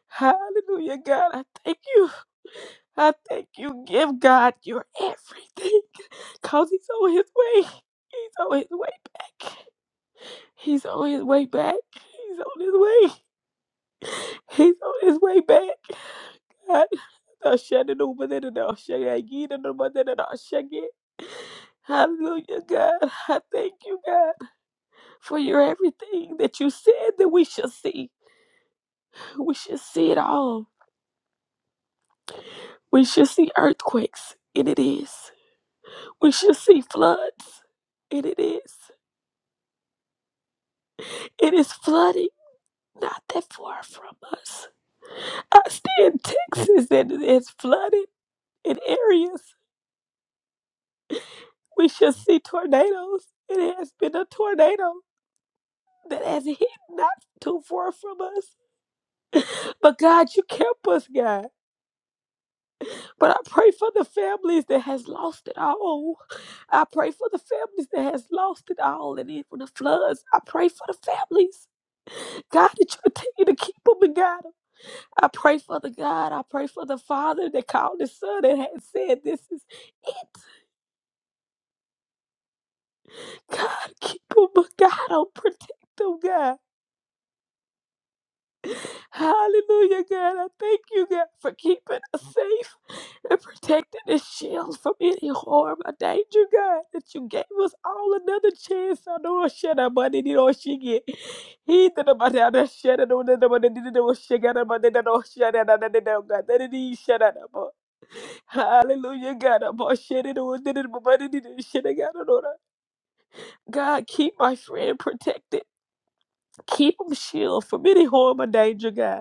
S5: Hallelujah, God. I thank you. I thank you. Give God your everything. Cause he's on his way. He's on his way back. He's on his way back. He's on his way. He's on his way back. God, I shut it over there and I'll shut it again and over there and I'll shut it. Hallelujah, God. I thank you, God. for your everything that you said that we shall see. We shall see it all. We shall see earthquakes, and it is. We shall see floods, and it is. It is flooding not that far from us. I stay in Texas, and it is flooded in areas. We shall see tornadoes. It has been a tornado that has hit not too far from us. But God, you kept us, God. But I pray for the families that has lost it all. I pray for the families that has lost it all and even the floods. I pray for the families. God, that you continue to keep them and guide them. I pray for the God. I pray for the father that called his son and had said, this is it. God, keep them, guide them, protect them, God. Hallelujah, God. I thank you, God, for keeping us safe and protecting this shield from any harm or danger, God, that you gave us all another chance. I know I shed our money, you know, she get. He did the money, I done shed it on the money, did it, she got the money, that don't shed it, I done it, God, that it is shed out of her. Hallelujah, God, I'm all shed it on, did it, my money, did it, shed it, God, I know that. God, keep my friend protected. Keep him shield from any harm or danger, God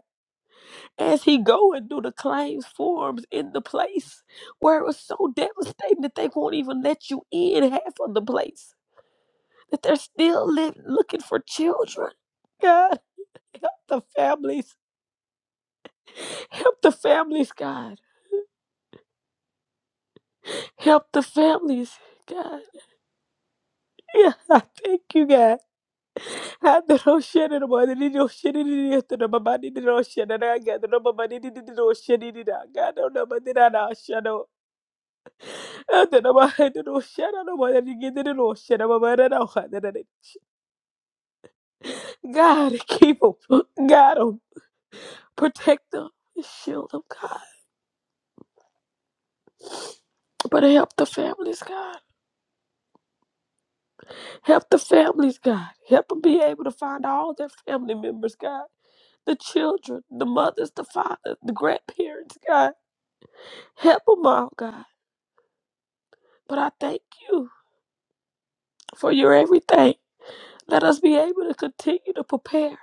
S5: as he going through the claims forms in the place where it was so devastating that they won't even let you in half of the place that they're still live, looking for children god help the families help the families god help the families god yeah i thank you god I don't know no shit anymore. I didn't know shit anymore. I don't know my body, I didn't know shit. anymore. I don't know my body, I didn't know shit anymore. I don't know, but then God, keep them. God, 'em. protect them. Shield them, God. But help the families, God. Help the families, God. Help them be able to find all their family members, God. The children, the mothers, the fathers, the grandparents, God. Help them all, God. But I thank you for your everything. Let us be able to continue to prepare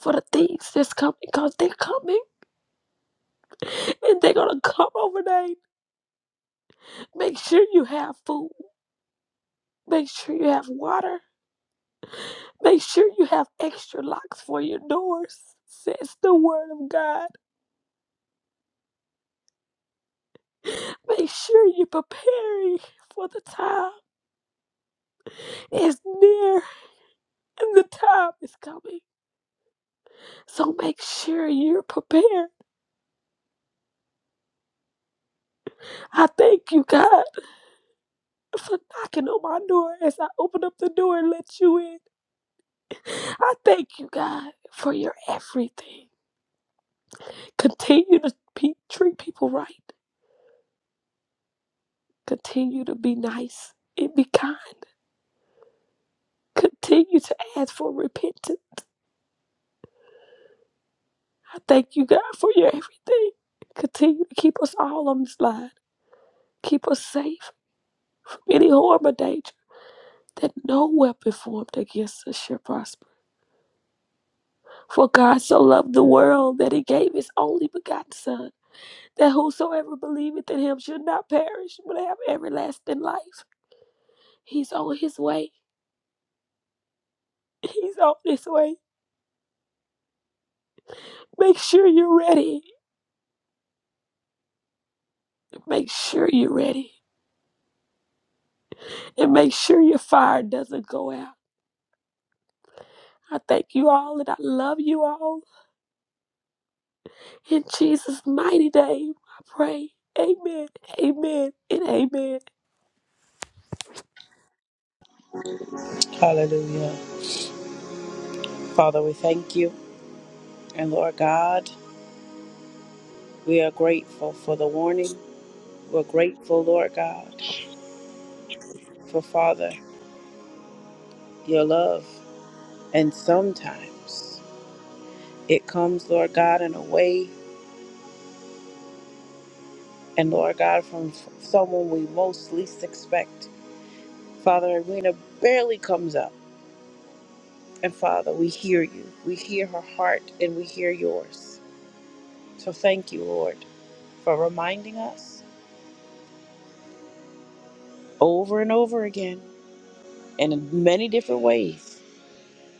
S5: for the things that's coming because they're coming. and they're gonna come overnight. Make sure you have food. Make sure you have water. Make sure you have extra locks for your doors. Says the word of God. Make sure you're preparing for the time is near and the time is coming. So make sure you're prepared. I thank you, God, for knocking on my door as I open up the door and let you in. I thank you, God, for your everything. Continue to pe- treat people right Continue to be nice and be kind. Continue to ask for repentance. I thank you, God, for your everything. Continue to keep us all on this line. Keep us safe from any harm or danger. That no weapon formed against us shall prosper. For God so loved the world that he gave his only begotten Son, that whosoever believeth in him should not perish, but have everlasting life. He's on his way. He's on his way. Make sure you're ready. Make sure you're ready. and make sure your fire doesn't go out. I thank you all and I love you all. In Jesus' mighty name, I pray. Amen, amen, and amen.
S1: Hallelujah. Father, we thank you. And Lord God, we are grateful for the warning. We're grateful, Lord God, for Father, your love. And sometimes it comes, Lord God, in a way, and Lord God, from f- someone we most least expect. Father, Irina barely comes up. And Father, we hear you. We hear her heart and we hear yours. So thank you, Lord, for reminding us over and over again and in many different ways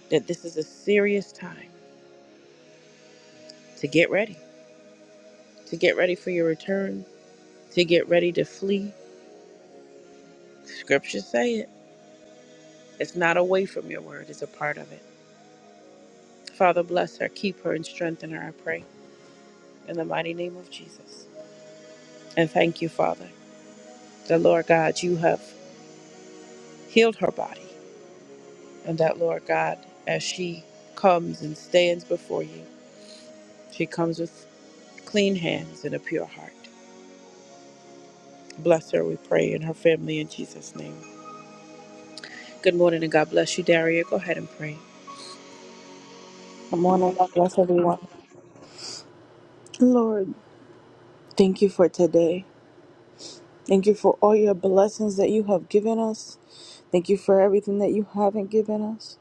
S1: that this is a serious time to get ready, to get ready for your return, to get ready to flee. Scriptures say it. It's not away from your word, it's a part of it. Father, bless her, keep her, and strengthen her, I pray, in the mighty name of Jesus. And thank you, Father, that Lord God, you have healed her body, and that Lord God, as she comes and stands before you, she comes with clean hands and a pure heart. Bless her, we pray, and her family in Jesus' name. Good morning and God bless you, Daria. Go ahead and pray.
S6: Good morning. God bless everyone. Lord, thank you for today. Thank you for all your blessings that you have given us. Thank you for everything that you haven't given us.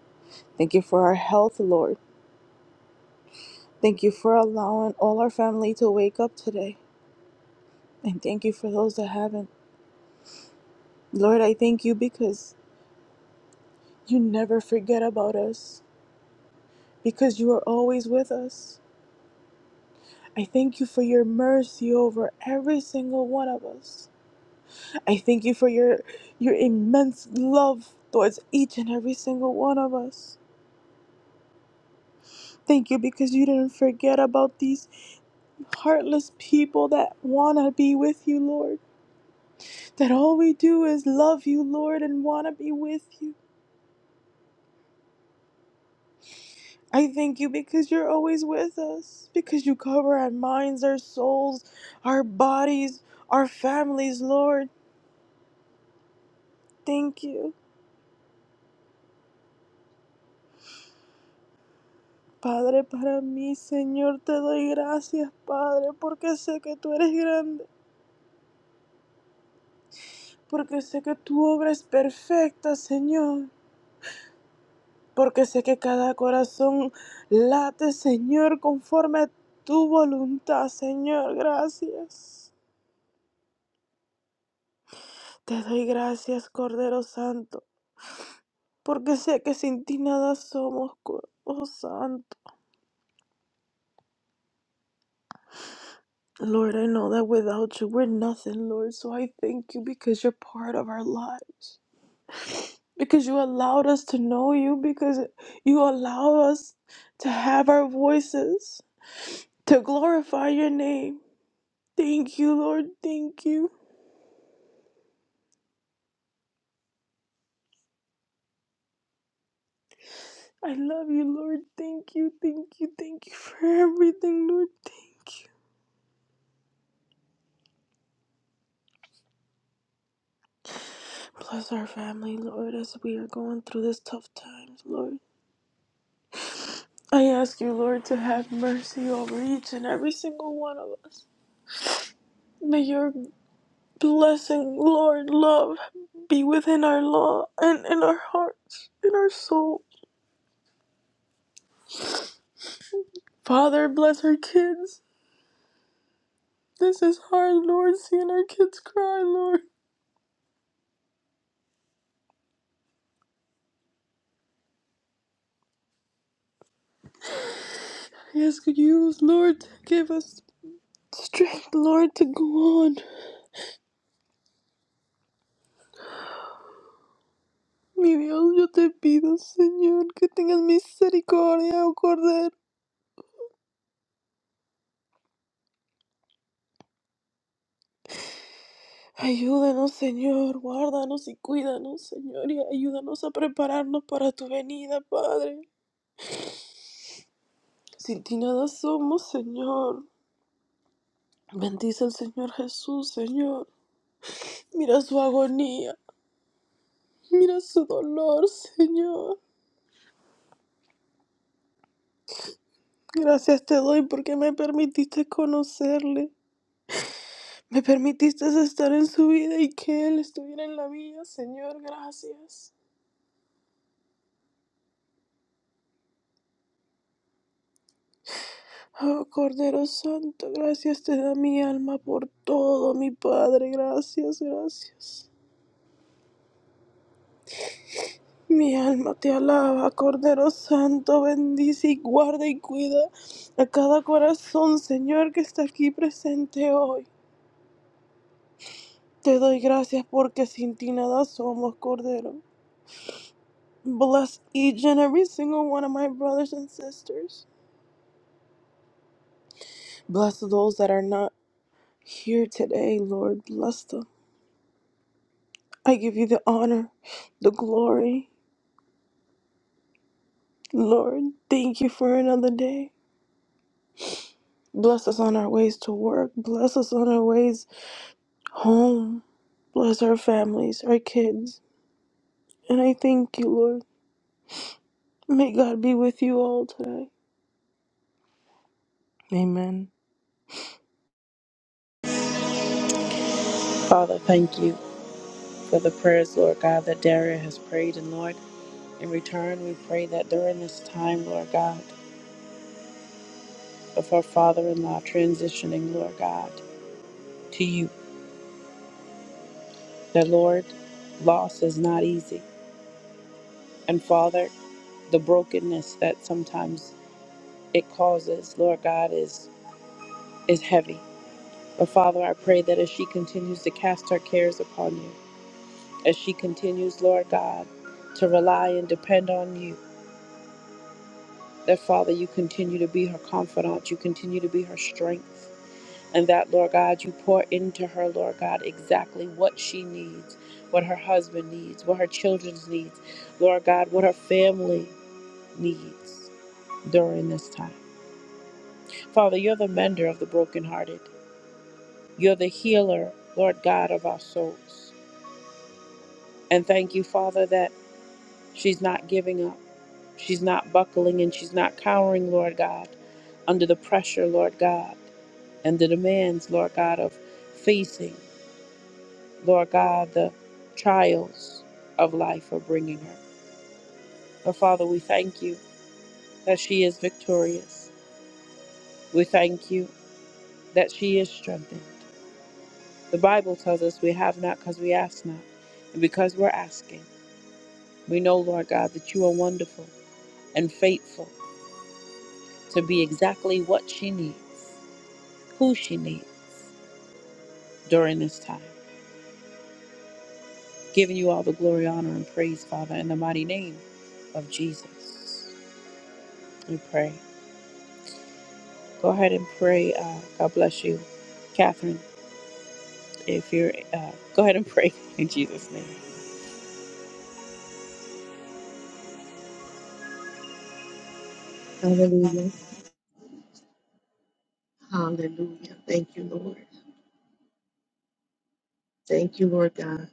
S6: Thank you for our health, Lord. Thank you for allowing all our family to wake up today. And thank you for those that haven't. Lord, I thank you because you never forget about us, because you are always with us. I thank you for your mercy over every single one of us. I thank you for your your immense love towards each and every single one of us. Thank you because you didn't forget about these heartless people that want to be with you, Lord. That all we do is love you, Lord, and want to be with you. I thank you because you're always with us, because you cover our minds, our souls, our bodies, our families, Lord. Thank you. Padre, para mí, Señor, te doy gracias, Padre, porque sé que tú eres grande. porque sé que tu obra es perfecta, Señor, porque sé que cada corazón late, Señor, conforme a tu voluntad, Señor, gracias. Te doy gracias, Cordero Santo, porque sé que sin ti nada somos, Cordero Santo. Lord, I know that without you we're nothing, Lord, so I thank you because you're part of our lives. Because you allowed us to know you, because you allow us to have our voices. to glorify your name. Thank you, Lord. Thank you. I love you, Lord. Thank you, thank you, thank you for everything, Lord. Thank you. Bless our family, Lord, as we are going through this tough times, Lord. I ask you, Lord, to have mercy over each and every single one of us. May your blessing, Lord, love be within our law and in our hearts, in our soul. Father, bless our kids. This is hard, Lord, seeing our kids cry, Lord. ask you, Lord, to give us strength, Lord, to go on. Mi Dios, yo te pido, Señor, que tengas misericordia, oh Cordero. Ayúdanos, Señor, guárdanos y cuídanos, Señor, y ayúdanos a prepararnos para tu venida, Padre. Sin ti nada somos, Señor. Bendice al Señor Jesús, Señor. Mira su agonía, mira su dolor, Señor. Gracias te doy porque me permitiste conocerle. Me permitiste estar en su vida y que Él estuviera en la mía, Señor, gracias. Oh Cordero Santo, gracias te da mi alma por todo, mi Padre, gracias, gracias. Mi alma te alaba, Cordero Santo, bendice y guarda y cuida a cada corazón, Señor, que está aquí presente hoy. Te doy gracias porque sin ti nada somos, Cordero. Bless each and every single one of my brothers and sisters. Bless those that are not. Here today, Lord, bless them. I give you the honor, the glory. Lord, thank you for another day. Bless us on our ways to work. Bless us on our ways home. Bless our families, our kids. And I thank you, Lord. May God be with you all today. Amen.
S1: Father, thank you for the prayers, Lord God, that Daria has prayed. And Lord, in return, we pray that during this time, Lord God, of her father in law transitioning, Lord God, to you, that Lord, loss is not easy. And Father, the brokenness that sometimes it causes, Lord God, is, is heavy. But Father, I pray that as she continues to cast her cares upon you, as she continues, Lord God, to rely and depend on you, That, Father, you continue to be her confidant, you continue to be her strength, and that, Lord God, you pour into her, Lord God, exactly what she needs, what her husband needs, what her children's needs, Lord God, what her family needs during this time. Father, you're the mender of the brokenhearted, you're the healer, Lord God, of our souls. And thank you, Father, that she's not giving up, she's not buckling, and she's not cowering, Lord God, under the pressure, Lord God. and the demands, Lord God, of facing, Lord God, the trials of life are bringing her. But Father, we thank you that she is victorious. We thank you that she is strengthened. The Bible tells us we have not because we ask not. And because we're asking, we know, Lord God, that you are wonderful and faithful to be exactly what she needs, who she needs during this time. Giving you all the glory, honor, and praise, Father, in the mighty name of Jesus. We pray. Go ahead and pray. Uh, God bless you, Catherine. If you're, uh, go ahead and pray in Jesus' name.
S7: Hallelujah. Hallelujah. Thank you, Lord. Thank you, Lord God,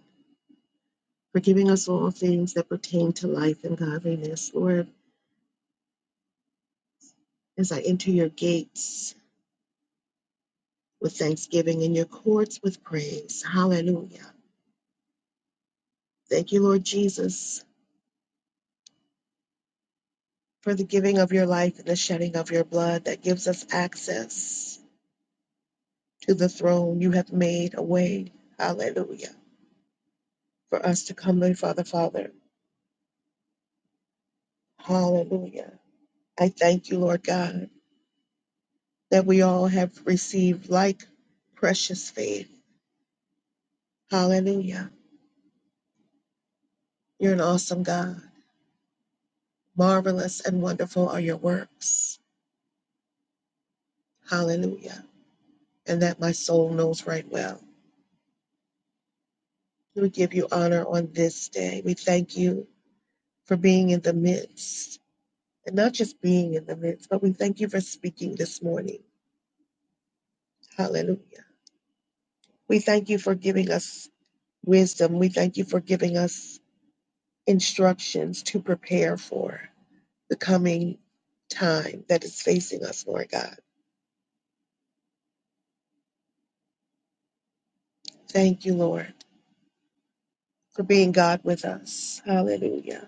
S7: for giving us all things that pertain to life and godliness. Lord, as I enter your gates with thanksgiving and your courts with praise. Hallelujah. Thank you, Lord Jesus, for the giving of your life and the shedding of your blood that gives us access to the throne. You have made a way. Hallelujah. For us to come before the Father. Hallelujah. I thank you, Lord God. that we all have received like precious faith. Hallelujah. You're an awesome God. Marvelous and wonderful are your works. Hallelujah. And that my soul knows right well. We give you honor on this day. We thank you for being in the midst. And not just being in the midst, but we thank you for speaking this morning. Hallelujah. We thank you for giving us wisdom. We thank you for giving us instructions to prepare for. the coming time that is facing us, Lord God. Thank you, Lord, for being God with us. Hallelujah.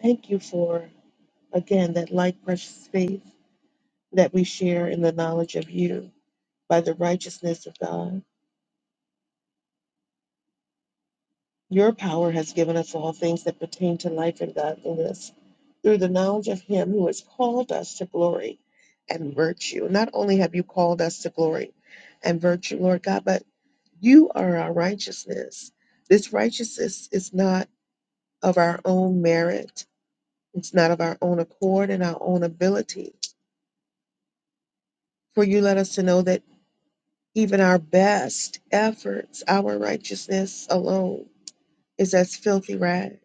S7: Thank you for, again, that light, precious faith that we share in the knowledge of you by the righteousness of God. Your power has given us all things that pertain to life and godliness through the knowledge of Him who has called us to glory and virtue. Not only have you called us to glory and virtue, Lord God, but You are our righteousness. This righteousness is not of our own merit, it's not of our own accord and our own ability. For you let us to know that even our best efforts, our righteousness alone, is as filthy rags.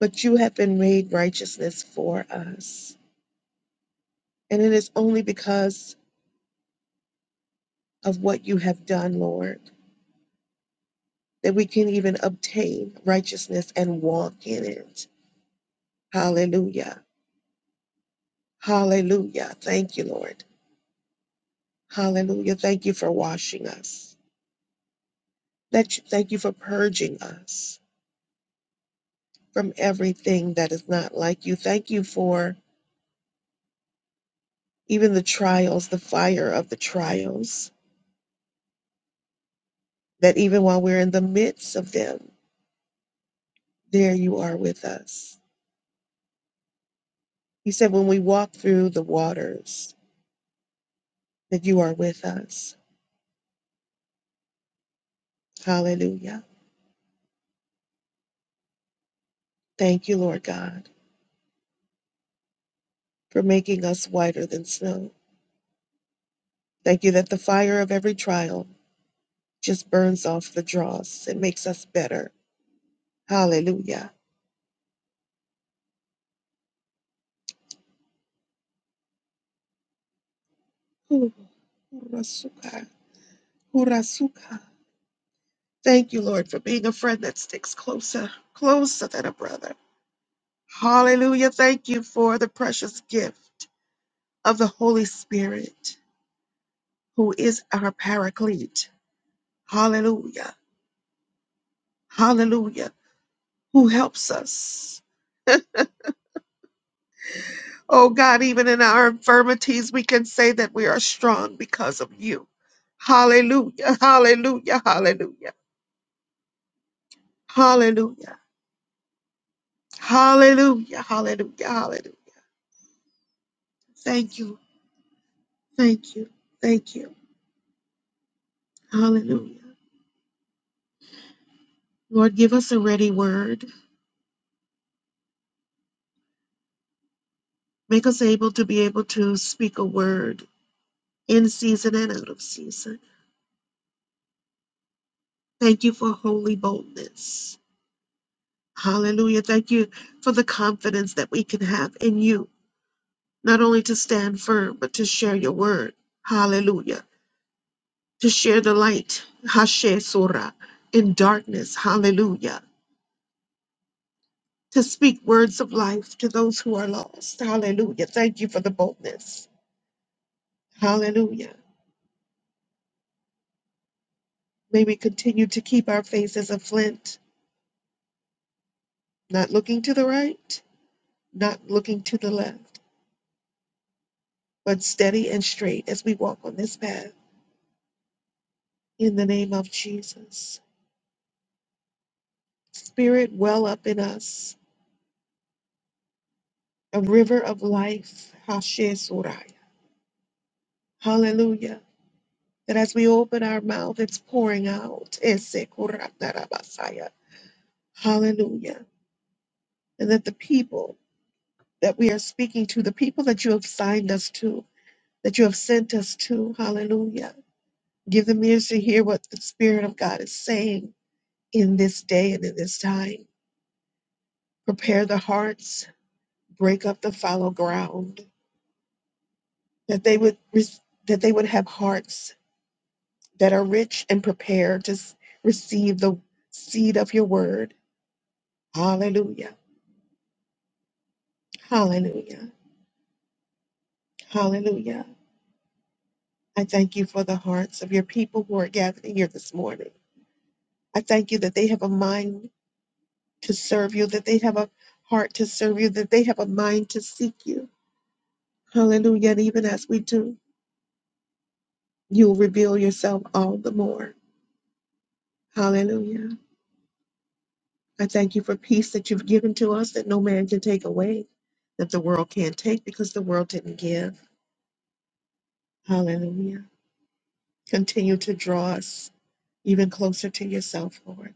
S7: But you have been made righteousness for us. And it is only because of what you have done, Lord, that we can even obtain righteousness and walk in it. Hallelujah. Hallelujah. Thank you, Lord. Hallelujah. Thank you for washing us. That you, thank you for purging us from everything that is not like you. Thank you for even the trials, the fire of the trials, that even while we're in the midst of them, there you are with us. You said when we walk through the waters, that you are with us. Hallelujah. Thank you, Lord God, for making us whiter than snow. Thank you that the fire of every trial just burns off the dross It makes us better. Hallelujah. Hurasuka. Hurasuka. Thank you, Lord, for being a friend that sticks closer, closer than a brother. Hallelujah. Thank you for the precious gift of the Holy Spirit, who is our paraclete. Hallelujah. Hallelujah. Who helps us. Oh God, even in our infirmities, we can say that we are strong because of you. Hallelujah. Hallelujah. Hallelujah. Hallelujah. Hallelujah. Hallelujah. Hallelujah. Thank you. Thank you. Thank you. Hallelujah. Lord, give us a ready word. Make us able to be able to speak a word in season and out of season. Thank you for holy boldness. Hallelujah. Thank you for the confidence that we can have in you, not only to stand firm, but to share your word. Hallelujah. To share the light. Hashe Surah in darkness. Hallelujah to speak words of life to those who are lost. Hallelujah. Thank you for the boldness. Hallelujah. May we continue to keep our faces a flint, not looking to the right, not looking to the left, but steady and straight as we walk on this path. In the name of Jesus. Spirit, well up in us, a river of life. Hashe Suraya. Hallelujah. That as we open our mouth, it's pouring out. Ese Kuratarabasaya. Hallelujah. And that the people that we are speaking to, the people that you have signed us to, that you have sent us to. Hallelujah. Give them ears to hear what the Spirit of God is saying in this day and in this time. Prepare the hearts, break up the fallow ground, that they would res- that they would have hearts that are rich and prepared to s- receive the seed of your word. Hallelujah. Hallelujah. Hallelujah. I thank you for the hearts of your people who are gathered here this morning. I thank you that they have a mind to serve you, that they have a heart to serve you, that they have a mind to seek you. Hallelujah. And even as we do, you'll reveal yourself all the more. Hallelujah. I thank you for peace that you've given to us that no man can take away, that the world can't take because the world didn't give. Hallelujah. Continue to draw us even closer to yourself, Lord,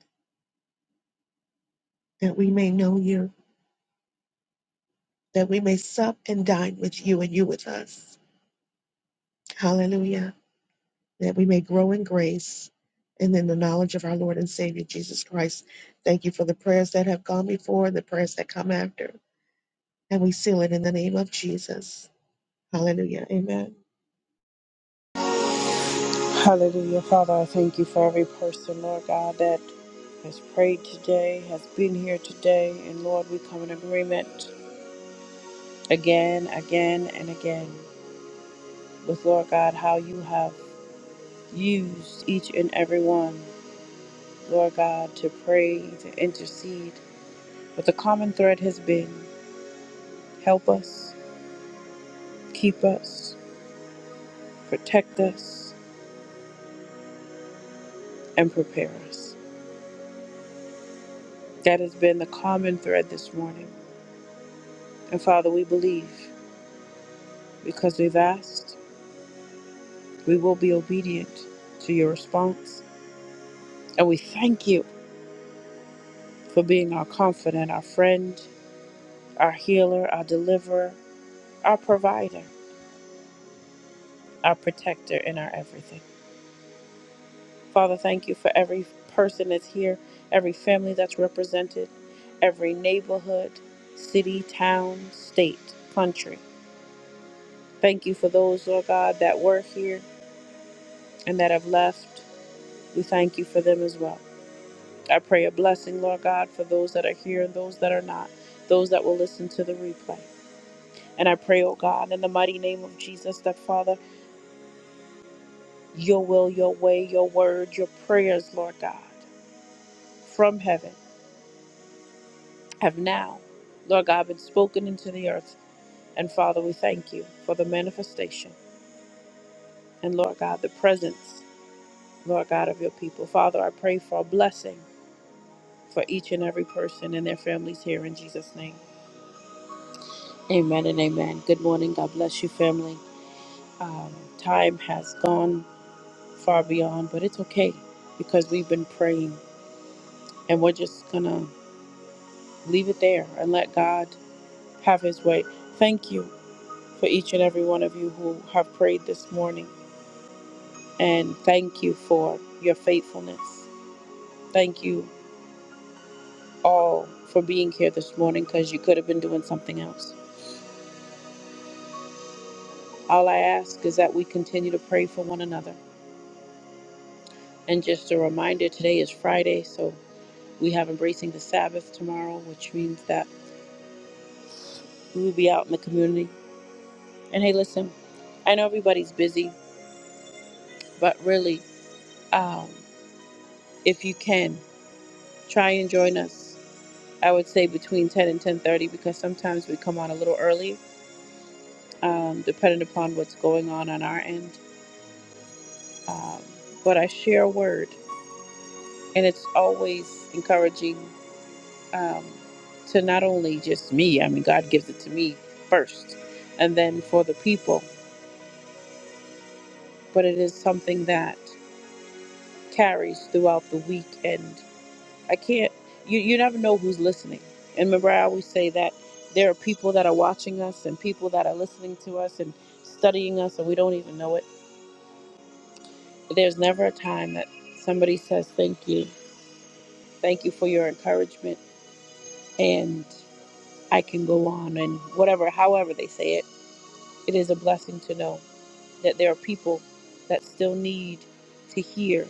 S7: that we may know you, that we may sup and dine with you and you with us. Hallelujah. that we may grow in grace and in the knowledge of our Lord and Savior Jesus Christ. Thank you for the prayers that have gone before, the prayers that come after. And we seal it in the name of Jesus. Hallelujah. Amen.
S1: Hallelujah, Father. I thank you for every person, Lord God, that has prayed today, has been here today, and Lord, we come in agreement again, again, and again with Lord God how you have used each and every one, Lord God, to pray, to intercede But the common thread has been help us, keep us, protect us, and prepare us. That has been the common thread this morning. And Father, we believe because we've asked, we will be obedient to your response. And we thank you for being our confidant, our friend, our healer, our deliverer, our provider, our protector, and our everything. Father, thank you for every person that's here, every family that's represented, every neighborhood, city, town, state, country. Thank you for those, Lord God, that were here and that have left. We thank you for them as well. I pray a blessing, Lord God, for those that are here and those that are not, those that will listen to the replay. And I pray, oh God, in the mighty name of Jesus, that Father, your will, your way, your word, your prayers, Lord God, from heaven have now, Lord God, been spoken into the earth. And Father, we thank you for the manifestation and, Lord God, the presence, Lord God, of your people. Father, I pray for a blessing for each and every person and their families here in Jesus' name. Amen and amen. Good morning. God bless you, family. Um, time has gone far beyond, but it's okay because we've been praying and we're just going to leave it there and let God have his way. Thank you for each and every one of you who have prayed this morning. and thank you for your faithfulness. Thank you all for being here this morning because you could have been doing something else. All I ask is that we continue to pray for one another. And just a reminder today is Friday, so we have Embracing the Sabbath tomorrow, which means that we will be out in the community. And hey, listen, I know everybody's busy, but really, um, if you can, try and join us. I would say between 10 and 10:30 because sometimes we come on a little early um, depending upon what's going on on our end. Um, but I share a word, and it's always encouraging um, to not only just me, I mean, God gives it to me first, and then for the people, but it is something that carries throughout the week. And I can't, you, you never know who's listening. And remember, I always say that there are people that are watching us and people that are listening to us and studying us, and we don't even know it. There's never a time that somebody says thank you Thank you for your encouragement. And I can go on and whatever, however they say it, it is a blessing to know that there are people that still need to hear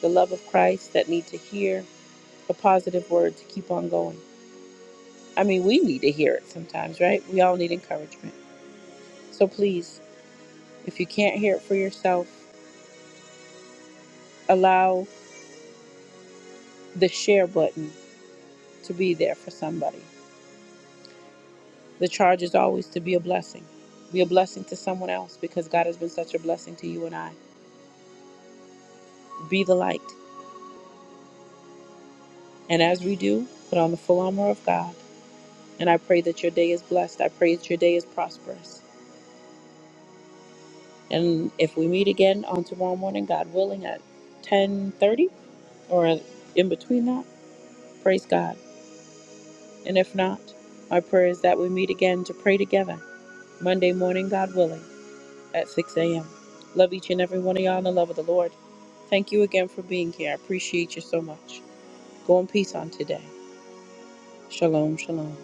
S1: the love of Christ, that need to hear a positive word to keep on going. I mean, we need to hear it sometimes, right? We all need encouragement. So please, if you can't hear it for yourself, allow the share button to be there for somebody. The charge is always to be a blessing. Be a blessing to someone else because God has been such a blessing to you and I. Be the light. And as we do, put on the full armor of God. And I pray that your day is blessed. I pray that your day is prosperous. And if we meet again on tomorrow morning, God willing, at 10:30 or in between that, praise God. And if not, my prayer is that we meet again to pray together Monday morning, God willing. at 6 a.m. Love each and every one of y'all in the love of the Lord. Thank you again for being here. I appreciate you so much. Go in peace on today. Shalom, shalom.